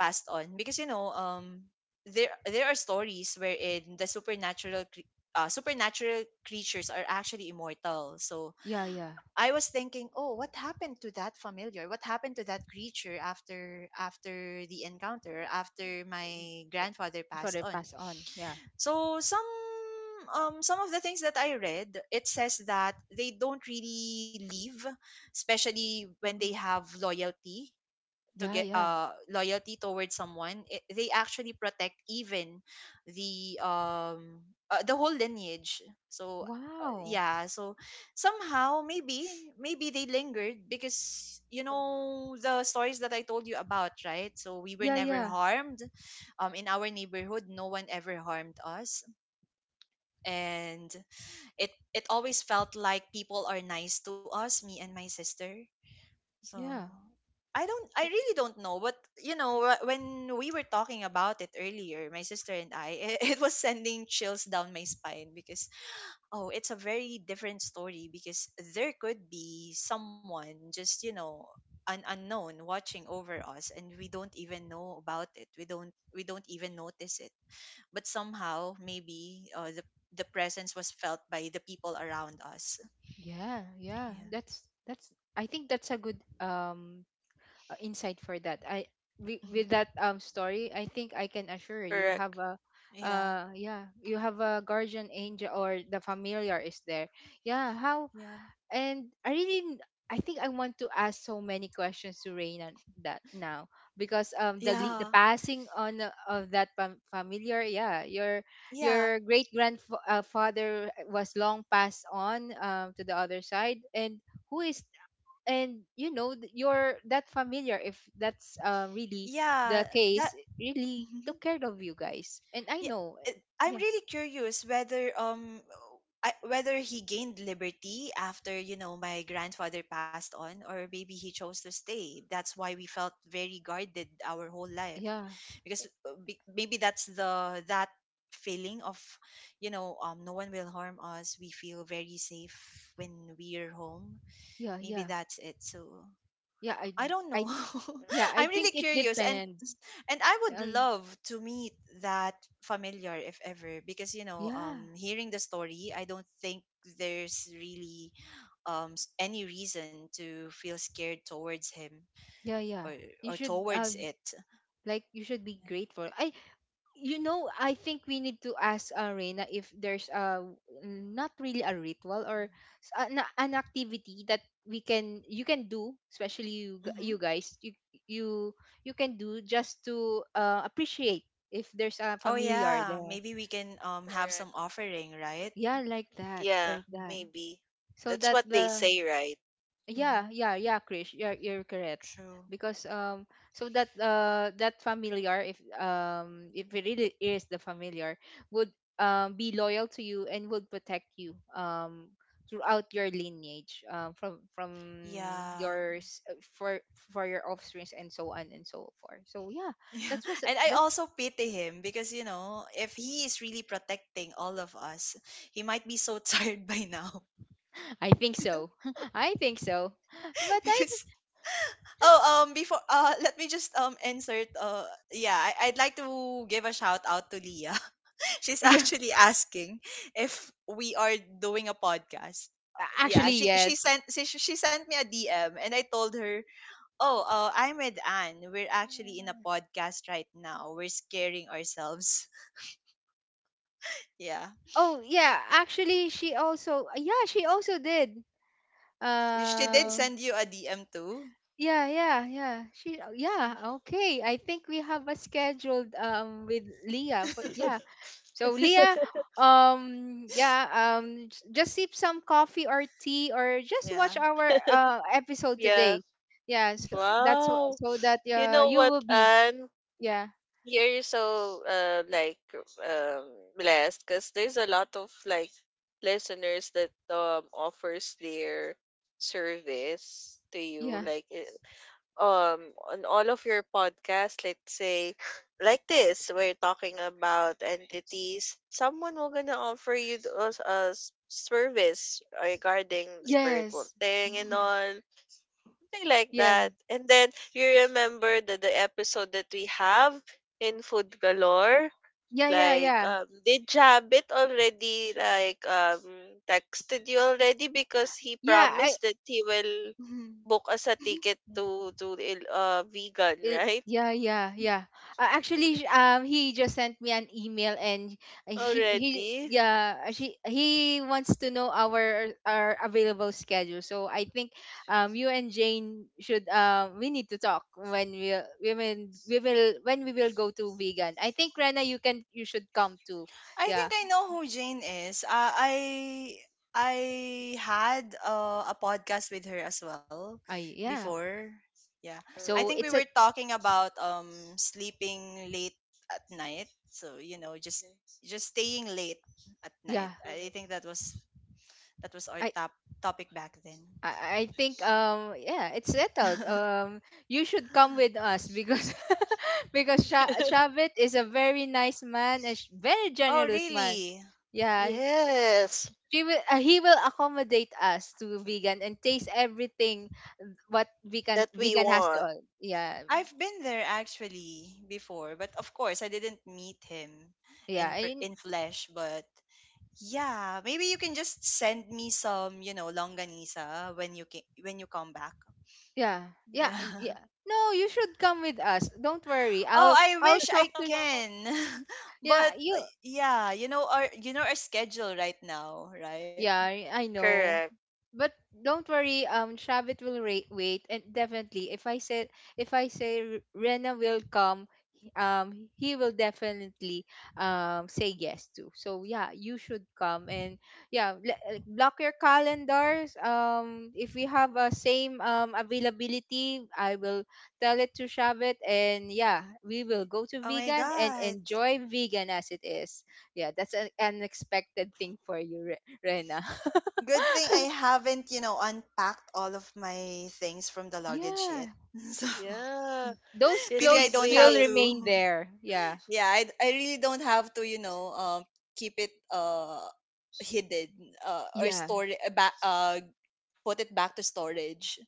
passed on? Because you know um there there are stories wherein the supernatural cre- uh, supernatural creatures are actually immortal. So Yeah, yeah. I was thinking, oh, what happened to that familiar? What happened to that creature after after the encounter, after my Uh, grandfather passed sorry, on? pass on. Yeah. So some um some of the things that I read, it says that they don't really leave, especially when they Wow. have loyalty to Yeah, get yeah. uh loyalty towards someone. It, they actually protect even the um uh, the whole lineage. So uh, Wow. yeah, so somehow maybe maybe they lingered. Because you Mm-hmm. know the stories that I told you about, right? So we were Yeah, never yeah. harmed um in our neighborhood, no one ever harmed us. And it it always felt like people are nice to us, me and my sister. So Yeah. I don't, I really don't know. But you know wh- when we were talking about it earlier, my sister and I, it, it was sending chills down my spine, because oh it's a very different story. Because there could be someone just you know an unknown watching over us, and we don't even know about it, we don't we don't even notice it. But somehow maybe uh, the the presence was felt by the people around us. Yeah, yeah. Yeah. That's that's I think that's a good um uh, insight for that. I, wi- with that um story, I think I can assure you Correct. have a yeah uh yeah, you have a guardian angel or the familiar is there. Yeah, how. yeah. And I really n- I think I want to ask so many questions to Raina that now, because um the Yeah. le- the passing on uh, of that fam- familiar, yeah, your Yeah. your great grandfather, uh, father, was long passed on um to the other side, and who is, and you know th- you're that familiar, if that's uh, really Yeah, the that. case, really took Mhm. care of you guys, and I Yeah, know eh, it- I'm yeah, really curious whether um I, whether he gained liberty after, you know, my grandfather passed on, or maybe he chose to stay. That's why we felt very guarded our whole life. yeah, Because eh, uh, be- maybe that's the that feeling of, you know, um no one will harm us. We feel very safe when we're home. yeah, Maybe yeah, that's it. So yeah, i I don't know. i yeah, Right. I I'm think really it curious. and depends. and I would And love to meet that familiar, if ever, because you know yeah, um hearing the story, I don't think there's really um s- any reason to feel scared towards him, yeah, yeah, or you or should towards um... it. like, you should be Yeah. grateful. I, you know, I think we need to ask uh, Reina if there's a mm, not really a ritual or s- an, an activity that we can, you can do, especially you g- Mm-hmm. you guys, you you you can do, just to uh, appreciate if there's a Oh familiar yeah, there. maybe we can um have Correct. some offering, right? Yeah, like that, Yeah. like that. Mm-hmm. Maybe. So That's that what they the... say, right? Yeah, Mm-hmm. yeah, yeah, Krish, you're you're correct. True. Because um, so that uh that familiar, if um if it really is the familiar, would um be loyal to you and would protect you um throughout your lineage um from from Yeah. yours, uh, for for your offsprings and so on and so forth. So yeah, Yeah. That's was and I that's... also pity him, because you know if he is really protecting all of us, he might be so tired by now. I think so. I think so. But I... Because oh um before uh let me just um insert uh yeah I, I'd like to give a shout out to Leah. She's Yeah, actually asking if we are doing a podcast. Uh, a- yeah, actually she she yes. sent she, she sent me a D M and I told her, "Oh, uh, I'm with Anne. We're actually in a podcast right now. We're scaring ourselves." Yeah. Oh yeah, actually she also, yeah, she also did. She did Uh send you a D M too. yeah, yeah, yeah. She yeah, okay. I think we have a scheduled um with Leah for yeah. So Leah, Mm. um yeah, um j- just sip some coffee or tea or just watch Yeah. our uh episode Yeah. today. Yeah, so that's wh- Wow. so that You uh know you what, will be, Anne? yeah, You're so uh, like um, blessed, because there's a lot of like listeners that um offers their service to yeah. you, like i- um on all of your podcasts. Let's say like this, we're talking about entities, someone will gonna offer you th- us a s- service regarding spiritual Yes. thing and all, something like Yeah. that. And then you remember the, the episode that we have in Food Galore? Yeah, yeah, Like, yeah. um, did Jabit already like um texted you already, because he Yeah, I... promised that he will book us a ticket to to Il- uh vegan, It, right? yeah, yeah, yeah. Uh, actually, sh- um, he just sent me an email, and uh, he, he, Already. yeah, uh, she, he wants to know our our available schedule. So I think, um, you and Jane should, um, we need to talk when we we will, we will when we will go to vegan. I think Rena, you can you should come too. I Yeah, think I know who Jane is. Uh, I I had uh, a podcast with her as well I yeah. before. Yeah, I So think we it's were a, Mm. talking about um sleeping late at night. So you know, just just staying late at night. yeah. I Mhm. think that was that was our top topic back then. I I think um yeah, it's settled, um, you should come with us because because Sha- Shabit is a very nice man and sh- very Oh generous man, really? yeah. Yes. She will, uh, he will accommodate us to vegan and taste everything what vegan That we vegan has to want. all, yeah, I've been there actually before, but of course I didn't meet him in yeah, per- and in flesh, but yeah, maybe you can just send me some, you know, longanisa when you ca- when you come back. yeah, yeah, Yeah. yeah, no, you should come with us, don't worry, Oh, I'll I I'll wish I talk to Sh- can. yeah, But you... uh, yeah, you know our you know our schedule right now, right? Yeah, I I know. Correct. But don't worry, um Shabit will ra- wait, and definitely if I said if I say R- Rena will come, he- um he will definitely um say yes too. So yeah, you should come, and yeah, le- uh, block your calendars. Um if we have a same um availability, I will tell it to Shabit, and yeah, we will go to Oh my vegan and God. enjoy vegan as it is yeah that's an unexpected thing for you, Rena. Good thing I haven't, you know, unpacked all of my things from the luggage yet. Yeah. So Yeah, Those just maybe I leave clothes don't will have it. to. remain there. Yeah. Yeah, I, I really don't have to, you know, um, keep it uh hidden uh, or Yeah. store it, uh, ba- uh, put it back to storage.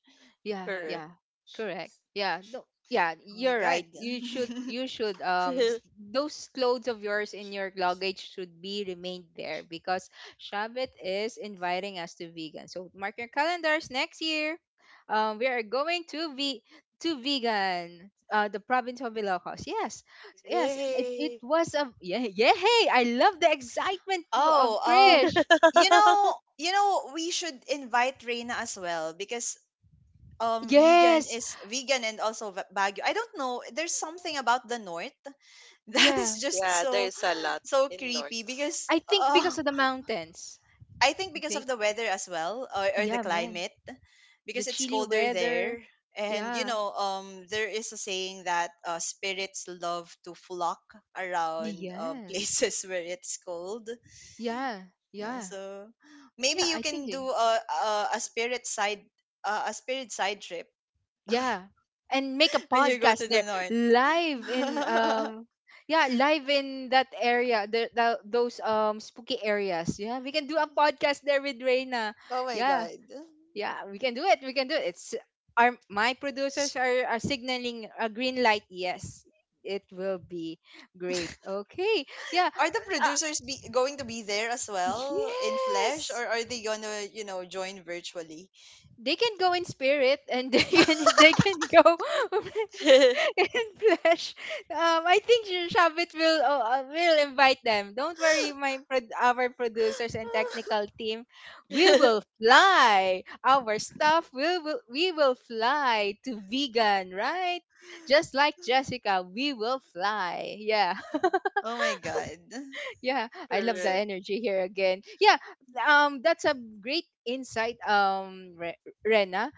Yeah, Yeah. Correct. yeah. Correct. Yeah. No, yeah, Oh my you're god. right. You should you should um s- those clothes of yours in your luggage should be remained there because Shabbat is inviting us to vegan. So mark your calendars next year. Um we are going to ve to vegan. Uh, the province of Ilocos. Yes, yes, it, it Yay. was a yeah, yeah. Hey, I love the excitement of Oh, um, Krish. you know, you know, we should invite Reina as well, because um, vegan Yes, is vegan, and also va- Baguio. I don't know, there's something about the north that is yeah. just Yeah, so there's a lot so in creepy. North. Because I think uh, because of the mountains. I think because of the weather as well, or, or the Yeah, man. climate, The because it's chilly colder weather. there. And you Yeah. know, um, there is a saying that uh, spirits love to flock around uh, Yes. places where it's cold. Yeah. Yeah, Yeah. so maybe Yeah, you I think can it- do a a, a spirit side uh, a spirit side trip yeah. And make a when you go podcast to the there north. live in um yeah, live in that area, the, the those um spooky areas. Yeah, we can do a podcast there with Reina. Oh my Yeah. god. Yeah, we can do it. We can do it. It's our my producers are, are signaling a green light. Yes. It will be great. Okay. Yeah. Are the producers be going to be there as well in flesh, Yes. or are they gonna, you know, join virtually? They can go in spirit, and they can they can go in flesh. Um, I think Sh- Shabit will uh, uh, will invite them. Don't worry, my prod- our producers and technical team, we will fly. Our stuff will will we will fly to vegan, right? Just like Jessica, we will fly. Yeah. Oh my god. Yeah, I love the Correct. energy here again. Yeah, um, that's a great insight, um, Re- Rena.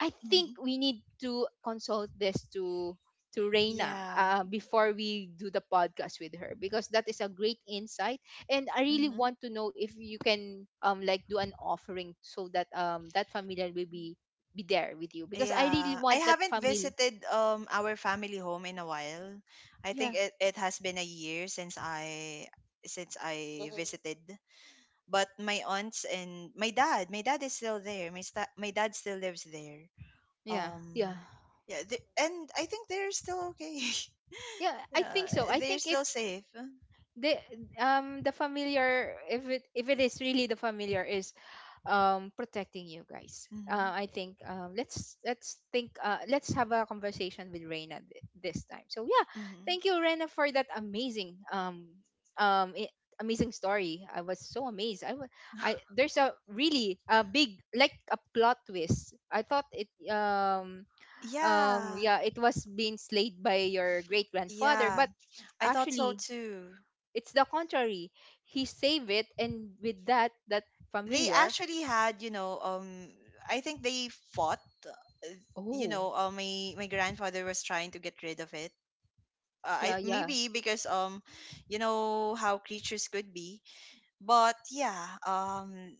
I Mhm. think we need to consult this to to Reina Yeah. uh, before we do the podcast with her, because that is a great insight, and I really Hmm. want to know if you can um like do an offering so that um that familiar will be be there with you, because I really Yeah. I want that haven't family. visited um our family home in a while. I think Yeah, it, it has been a year since I since I Mhm, visited. But my aunts and my dad, my dad is still there. My sta- my dad still lives there. yeah, Um, yeah. yeah, they, and I think they're still okay. Yeah, I Yeah, think so. I they're think it still safe. the um the familiar, if it if it is really the familiar, is um protecting you guys, uh, Mhm. I think um let's let's think uh let's have a conversation with Reina th- this time. So yeah, Mhm. thank you, Reina, for that amazing um um i- amazing story. I was so amazed. I wa- I There's a really a big like a plot twist. I thought it um um Yeah. yeah, it was being slayed by your great grandfather, Yeah. but I thought so actually too. it's the contrary. He save it, and with that that They familiar. actually had, you know, um, I think they fought. Uh, you Oh, mhm, know, uh, my my grandfather was trying to get rid of it. Uh, I yeah, yeah. maybe because um, you know how creatures could be. But yeah, um,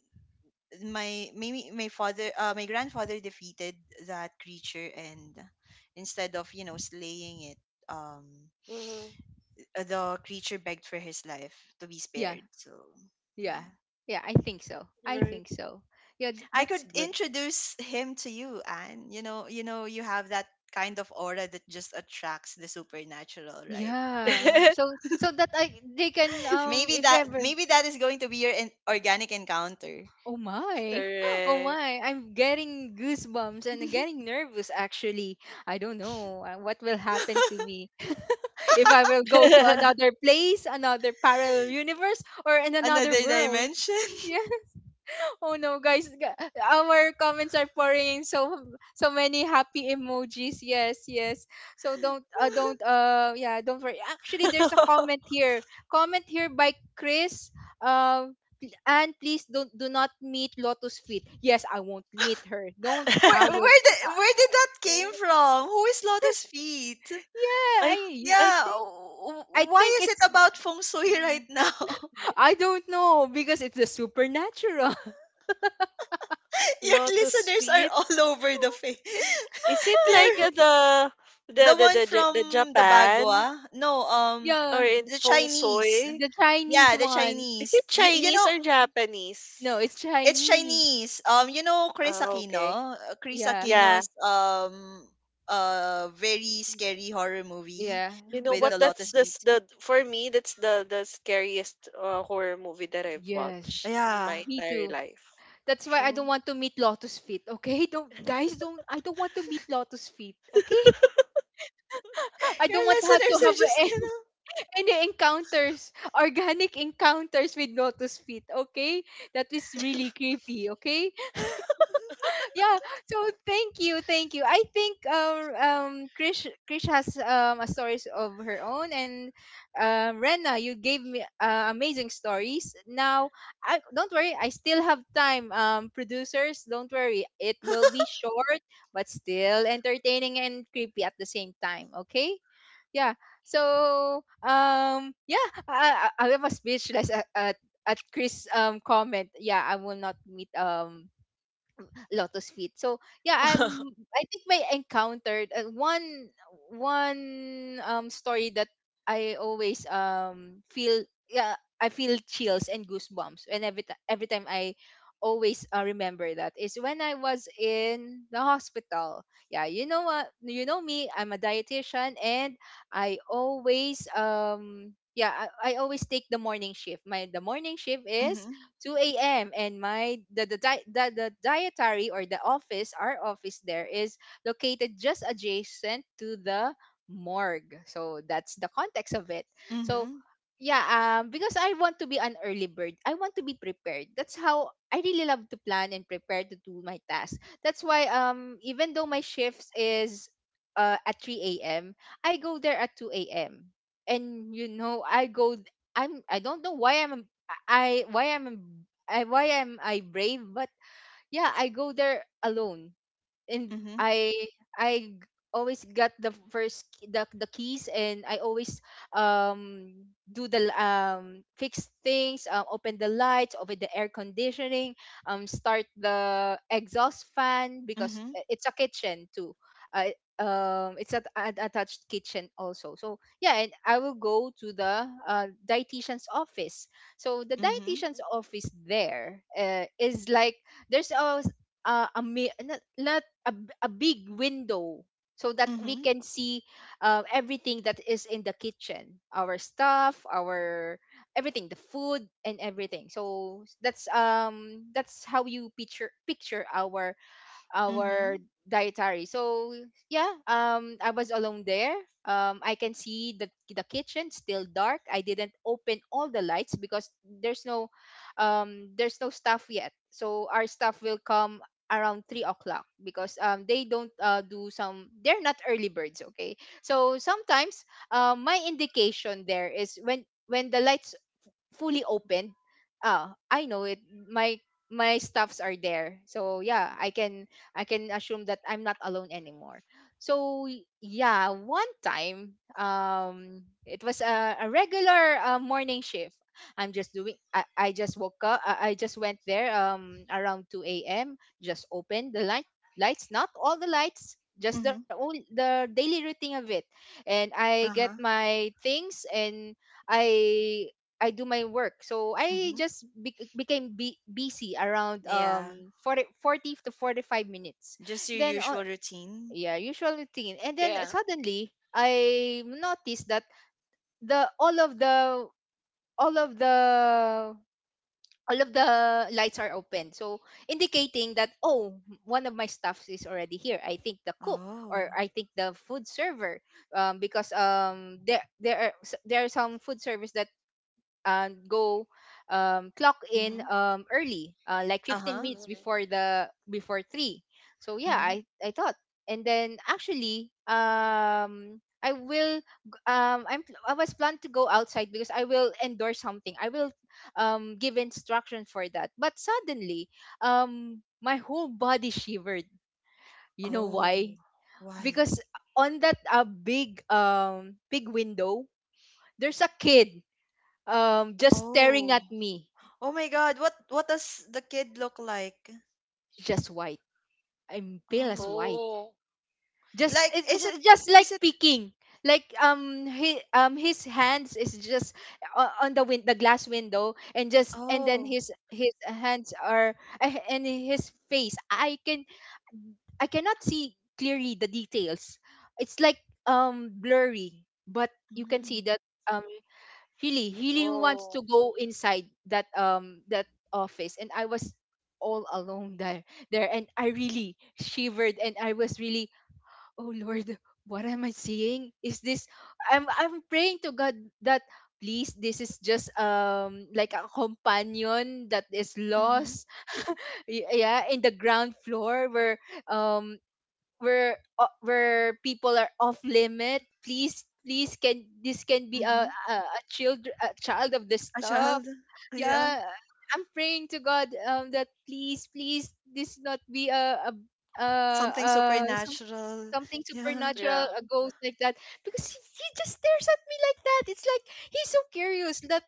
my maybe my father, uh, my grandfather defeated that creature, and instead of you know slaying it, um, hmm. the creature begged for his life to be Yeah. spared. So, Yeah. yeah. Yeah, I think so. I Right. think so. Yeah, th- I that's could good. introduce him to you, Anne. You know, you know, you have that kind of aura that just attracts the supernatural, right? Yeah. So so that I they can um Maybe if that ever maybe that is going to be your in- organic encounter. Oh my. Oh Correct. my. I'm getting goosebumps and getting nervous actually. I don't know uh, what will happen to me if I will go to another place, another parallel universe or in another Another world. dimension. Yeah. Oh no, guys, g- our comments are pouring in so so many happy emojis. Yes, yes. So don't uh, don't uh yeah, don't worry. Actually, there's a comment here. Comment here by Chris. Um pl- and Please don't do not meet Lotus Feet. Yes, I won't meet her. Don't Where I will. where did where did that came from? Who is Lotus Feet? Yeah, I I I Yeah, think w- I w- why think is it it's about feng shui right now? I don't know, because it's a supernatural. Your lotus listeners are feet. all over the place. Is it They're— like uh, the the the the one the, Ja- the from the Japan? Bagua? No, um, Yeah, Or in the feng Chinese. shui? the Chinese Yeah, the one. Is Chinese. it You, you Chinese know, or No, Japanese? it's it's Chinese. Chinese. Um, you know Chris Oh, okay. Aquino? Uh, Chris Yeah. Yeah. Aquino's um uh very scary horror movie Yeah. You know with The what? the That's lotus the feet. s- the- For me, that's the the scariest uh, horror movie that I've yes. watched in Yeah, my Me entire too. life. That's why I true. don't want to meet Lotus Feet. Okay, don't guys, don't I don't want to meet Lotus Feet. Okay, I Your don't want to have to listeners have are just, a- you know. any encounters, organic encounters with Lotus Feet. Okay, that is really creepy. Okay, yeah, so thank you, thank you. I think um um Krish, Krish has um a stories of her own, and um Rena, you gave me uh, amazing stories now. I, don't worry, I still have time. Um producers, don't worry, it will be short, but still entertaining and creepy at the same time. Okay, yeah. So um yeah, i i, I was speechless at, at at Chris um comment. Yeah, I will not meet um Lotus Feet. So yeah, I'm. I think I encountered uh, one one um story that I always um feel, yeah, I feel chills and goosebumps, and every ti- every time I always uh, remember that, is when I was in the hospital. Yeah, you know what? You know me. I'm a dietitian, and I always um yeah, I, I always take the morning shift. My The morning shift is Mm-hmm. two a m, and my the the, di- the the dietary, or the office, our office there is located just adjacent to the morgue. So that's the context of it. So Mm-hmm. yeah, um, because I want to be an early bird. I want to be prepared. That's how I really love to plan and prepare to do my tasks. That's why um, even though my shifts is uh, at three a m, I go there at two a m. And you know, I go. I'm. I don't know why I'm I why I'm I why am I brave? But yeah, I go there alone, and I I always got the first key- the, the keys, and I always um do the l- um fix things, um, open the lights, open the air conditioning, um start the exhaust fan, because Mm-hmm. i- it's a kitchen too, uh, um, it's a, an attached kitchen also. So yeah, and I will go to the uh, dietitian's office. So the Mm-hmm. dietitian's office there uh, is like there's a uh, a mi- not, not a, b- a big window so that Mm-hmm. we can Mm-hmm. see uh, everything that is in the kitchen, our stuff, our everything, the food and everything. So that's um that's how you picture picture our Mm-hmm. our dietary. So yeah, um, I was alone there. Um, I can see the the kitchen still dark. I didn't open all the lights, because there's no, um, there's no staff yet. So our staff will come around three o'clock, because um they don't uh, do some, they're not early birds. Okay, so sometimes um my indication there is when when the lights fully open, ah, I know it, my my stuffs are there. So yeah, I can I can assume that I'm not alone anymore. So y- yeah, one time um it was a, a regular uh, morning shift. I'm just doing I, I just woke up, I, I just went there um around two a.m, just opened the light lights, not all the lights, just the Hmm. own, the daily routine of it. And I get Uh-huh. my things, and I I do my work. So I Hmm. just be- became be- busy around Yeah. um forty, forty to forty-five minutes. Just your Then uh, usual routine? yeah, usual routine. And then Yeah. suddenly I noticed that the all of the all of the all of the lights are open. So indicating that oh, one of my staffs is already here. I think the cook, or Oh. I think the food server, um, because um there there are s- there are some food service and go um, clock in Mm-hmm. um, early, uh, like fifteen Uh-huh. minutes Hmm. before the before three. So yeah, Mm-hmm. I I thought, and then actually, um, I will g- um, I'm pl- I was planned to go outside, because I will endorse something. I will um, give instruction for that. But suddenly, um, my whole body shivered. You know why? Oh. Why? Because on that uh, big um big window, there's a kid um just staring Oh. at me, Oh my God. What what does the kid look like? just white. I'm pale as Oh. white. Oh, Just Like, it's, it's is it it's just like is it picking. Like um he um his hands is just o- on the win- the glass window, and just and then oh. his his hands are a- and his face. I can I cannot see clearly the details. It's like um blurry, but you can see Mm. that um, really he really wants oh, to go inside that um that office, and I was all alone there there, and I really shivered, and I was really, oh lord, what am I seeing? Is this, i'm i'm praying to god, that please, this is just um like a companion that is Mm-hmm. lost, y- yeah, in the ground floor where um where uh, where people are off limit. Please, please, can this can be a Mm-hmm. a, a child a child of this A stuff. child. Yeah. Yeah, I'm praying to god um that please, please this not be a a a, Something a some, supernatural. something Yeah. yeah, supernatural, a ghost like that, because he, he just stares at me like that. It's like he's so curious that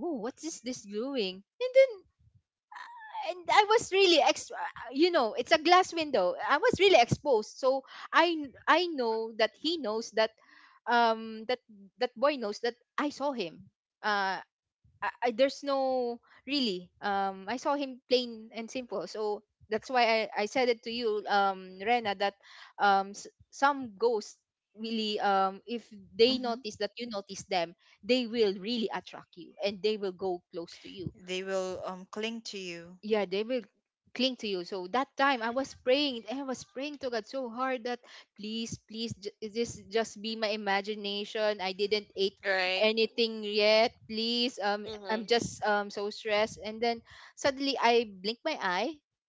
oh, what is this doing. And then and I was really ex, you know it's a glass window, I was really exposed, so I I know that he knows that um that that boy knows that I saw him uh, I, I, there's no really um, I saw him plain and simple. So that's why I, I said it to you um Rena, that um s- some ghosts really um, if they Mm-hmm. notice that you notice them, they will really attract you, and they will go close to you. They will um cling to you. Yeah, they will cling to you, so that time I was praying, I was praying to god so hard, that please, please, ju- this just be my imagination, I didn't eat right. anything yet, please, um, I'm Hmm. just um so stressed. And then suddenly I blink my eye,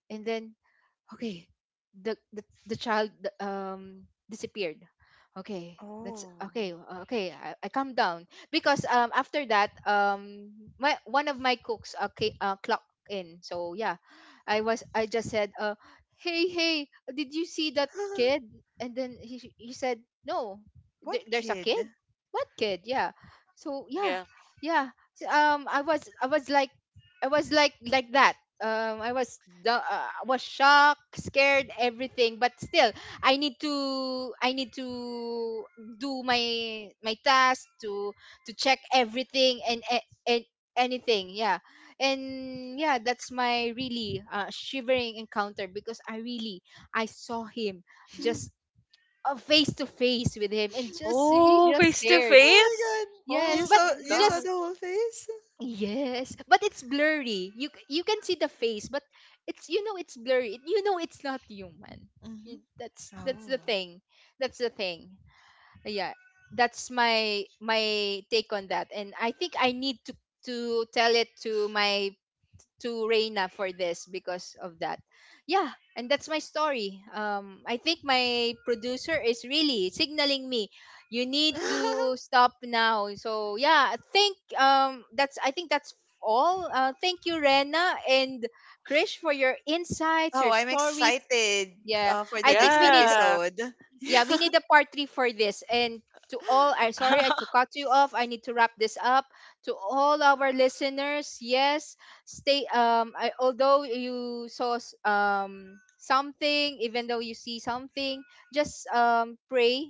and then okay, the the, the child, the, um, disappeared. Okay, that's Oh. okay, uh, okay, I, I calm down, because um after that um my one of my cooks uh, ca- uh clocked in. So yeah, I was I just said uh, hey, hey, did you see that kid? And then he he said no. What there, there's a kid, kid? what kid, yeah. So yeah, Yeah. yeah. So, um, i was i was like i was like like that, um, I was the uh, was shocked, scared, everything. But still, I need to I need to do my my task, to to check everything, and a- and anything. Yeah, and yeah, that's my really uh, shivering encounter, because I really I saw him, just uh, face to face with him, and just he Oh, just face to stared. Oh face. my god. You Yes, Oh but saw you saw God. just the whole face? Yes, but it's blurry. You c- you can see the face, but it's, you know, it's blurry. You know it's not human. You, that's that's Oh. the thing. That's the thing. Yeah, that's my my take on that. And I think I need to to tell it to my to Reina for this, because of that. Yeah, and that's my story. Um, I think my producer is really signaling me, you need to stop now. So yeah, I think um, that's I think that's all. Uh, thank you, Rena and Krish, for your insights, Oh, your I'm stories. excited Yeah, uh, for I the think next we need Yeah. episode. yeah, we Yeah. need a part three for this. And to all, I'm sorry I to cut you off. I need to wrap this up. To all our listeners, yes, stay. Um, I, although you saw s- um something, even though you see something, just um pray,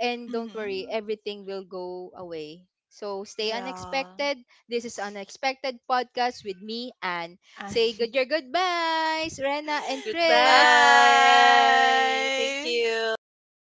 and don't worry, Hmm. everything will go away. So stay Yeah. unexpected. This is unexpected podcast with me, and And say good your goodbyes, Rena and Krish. bye. Goodbye. Thank you.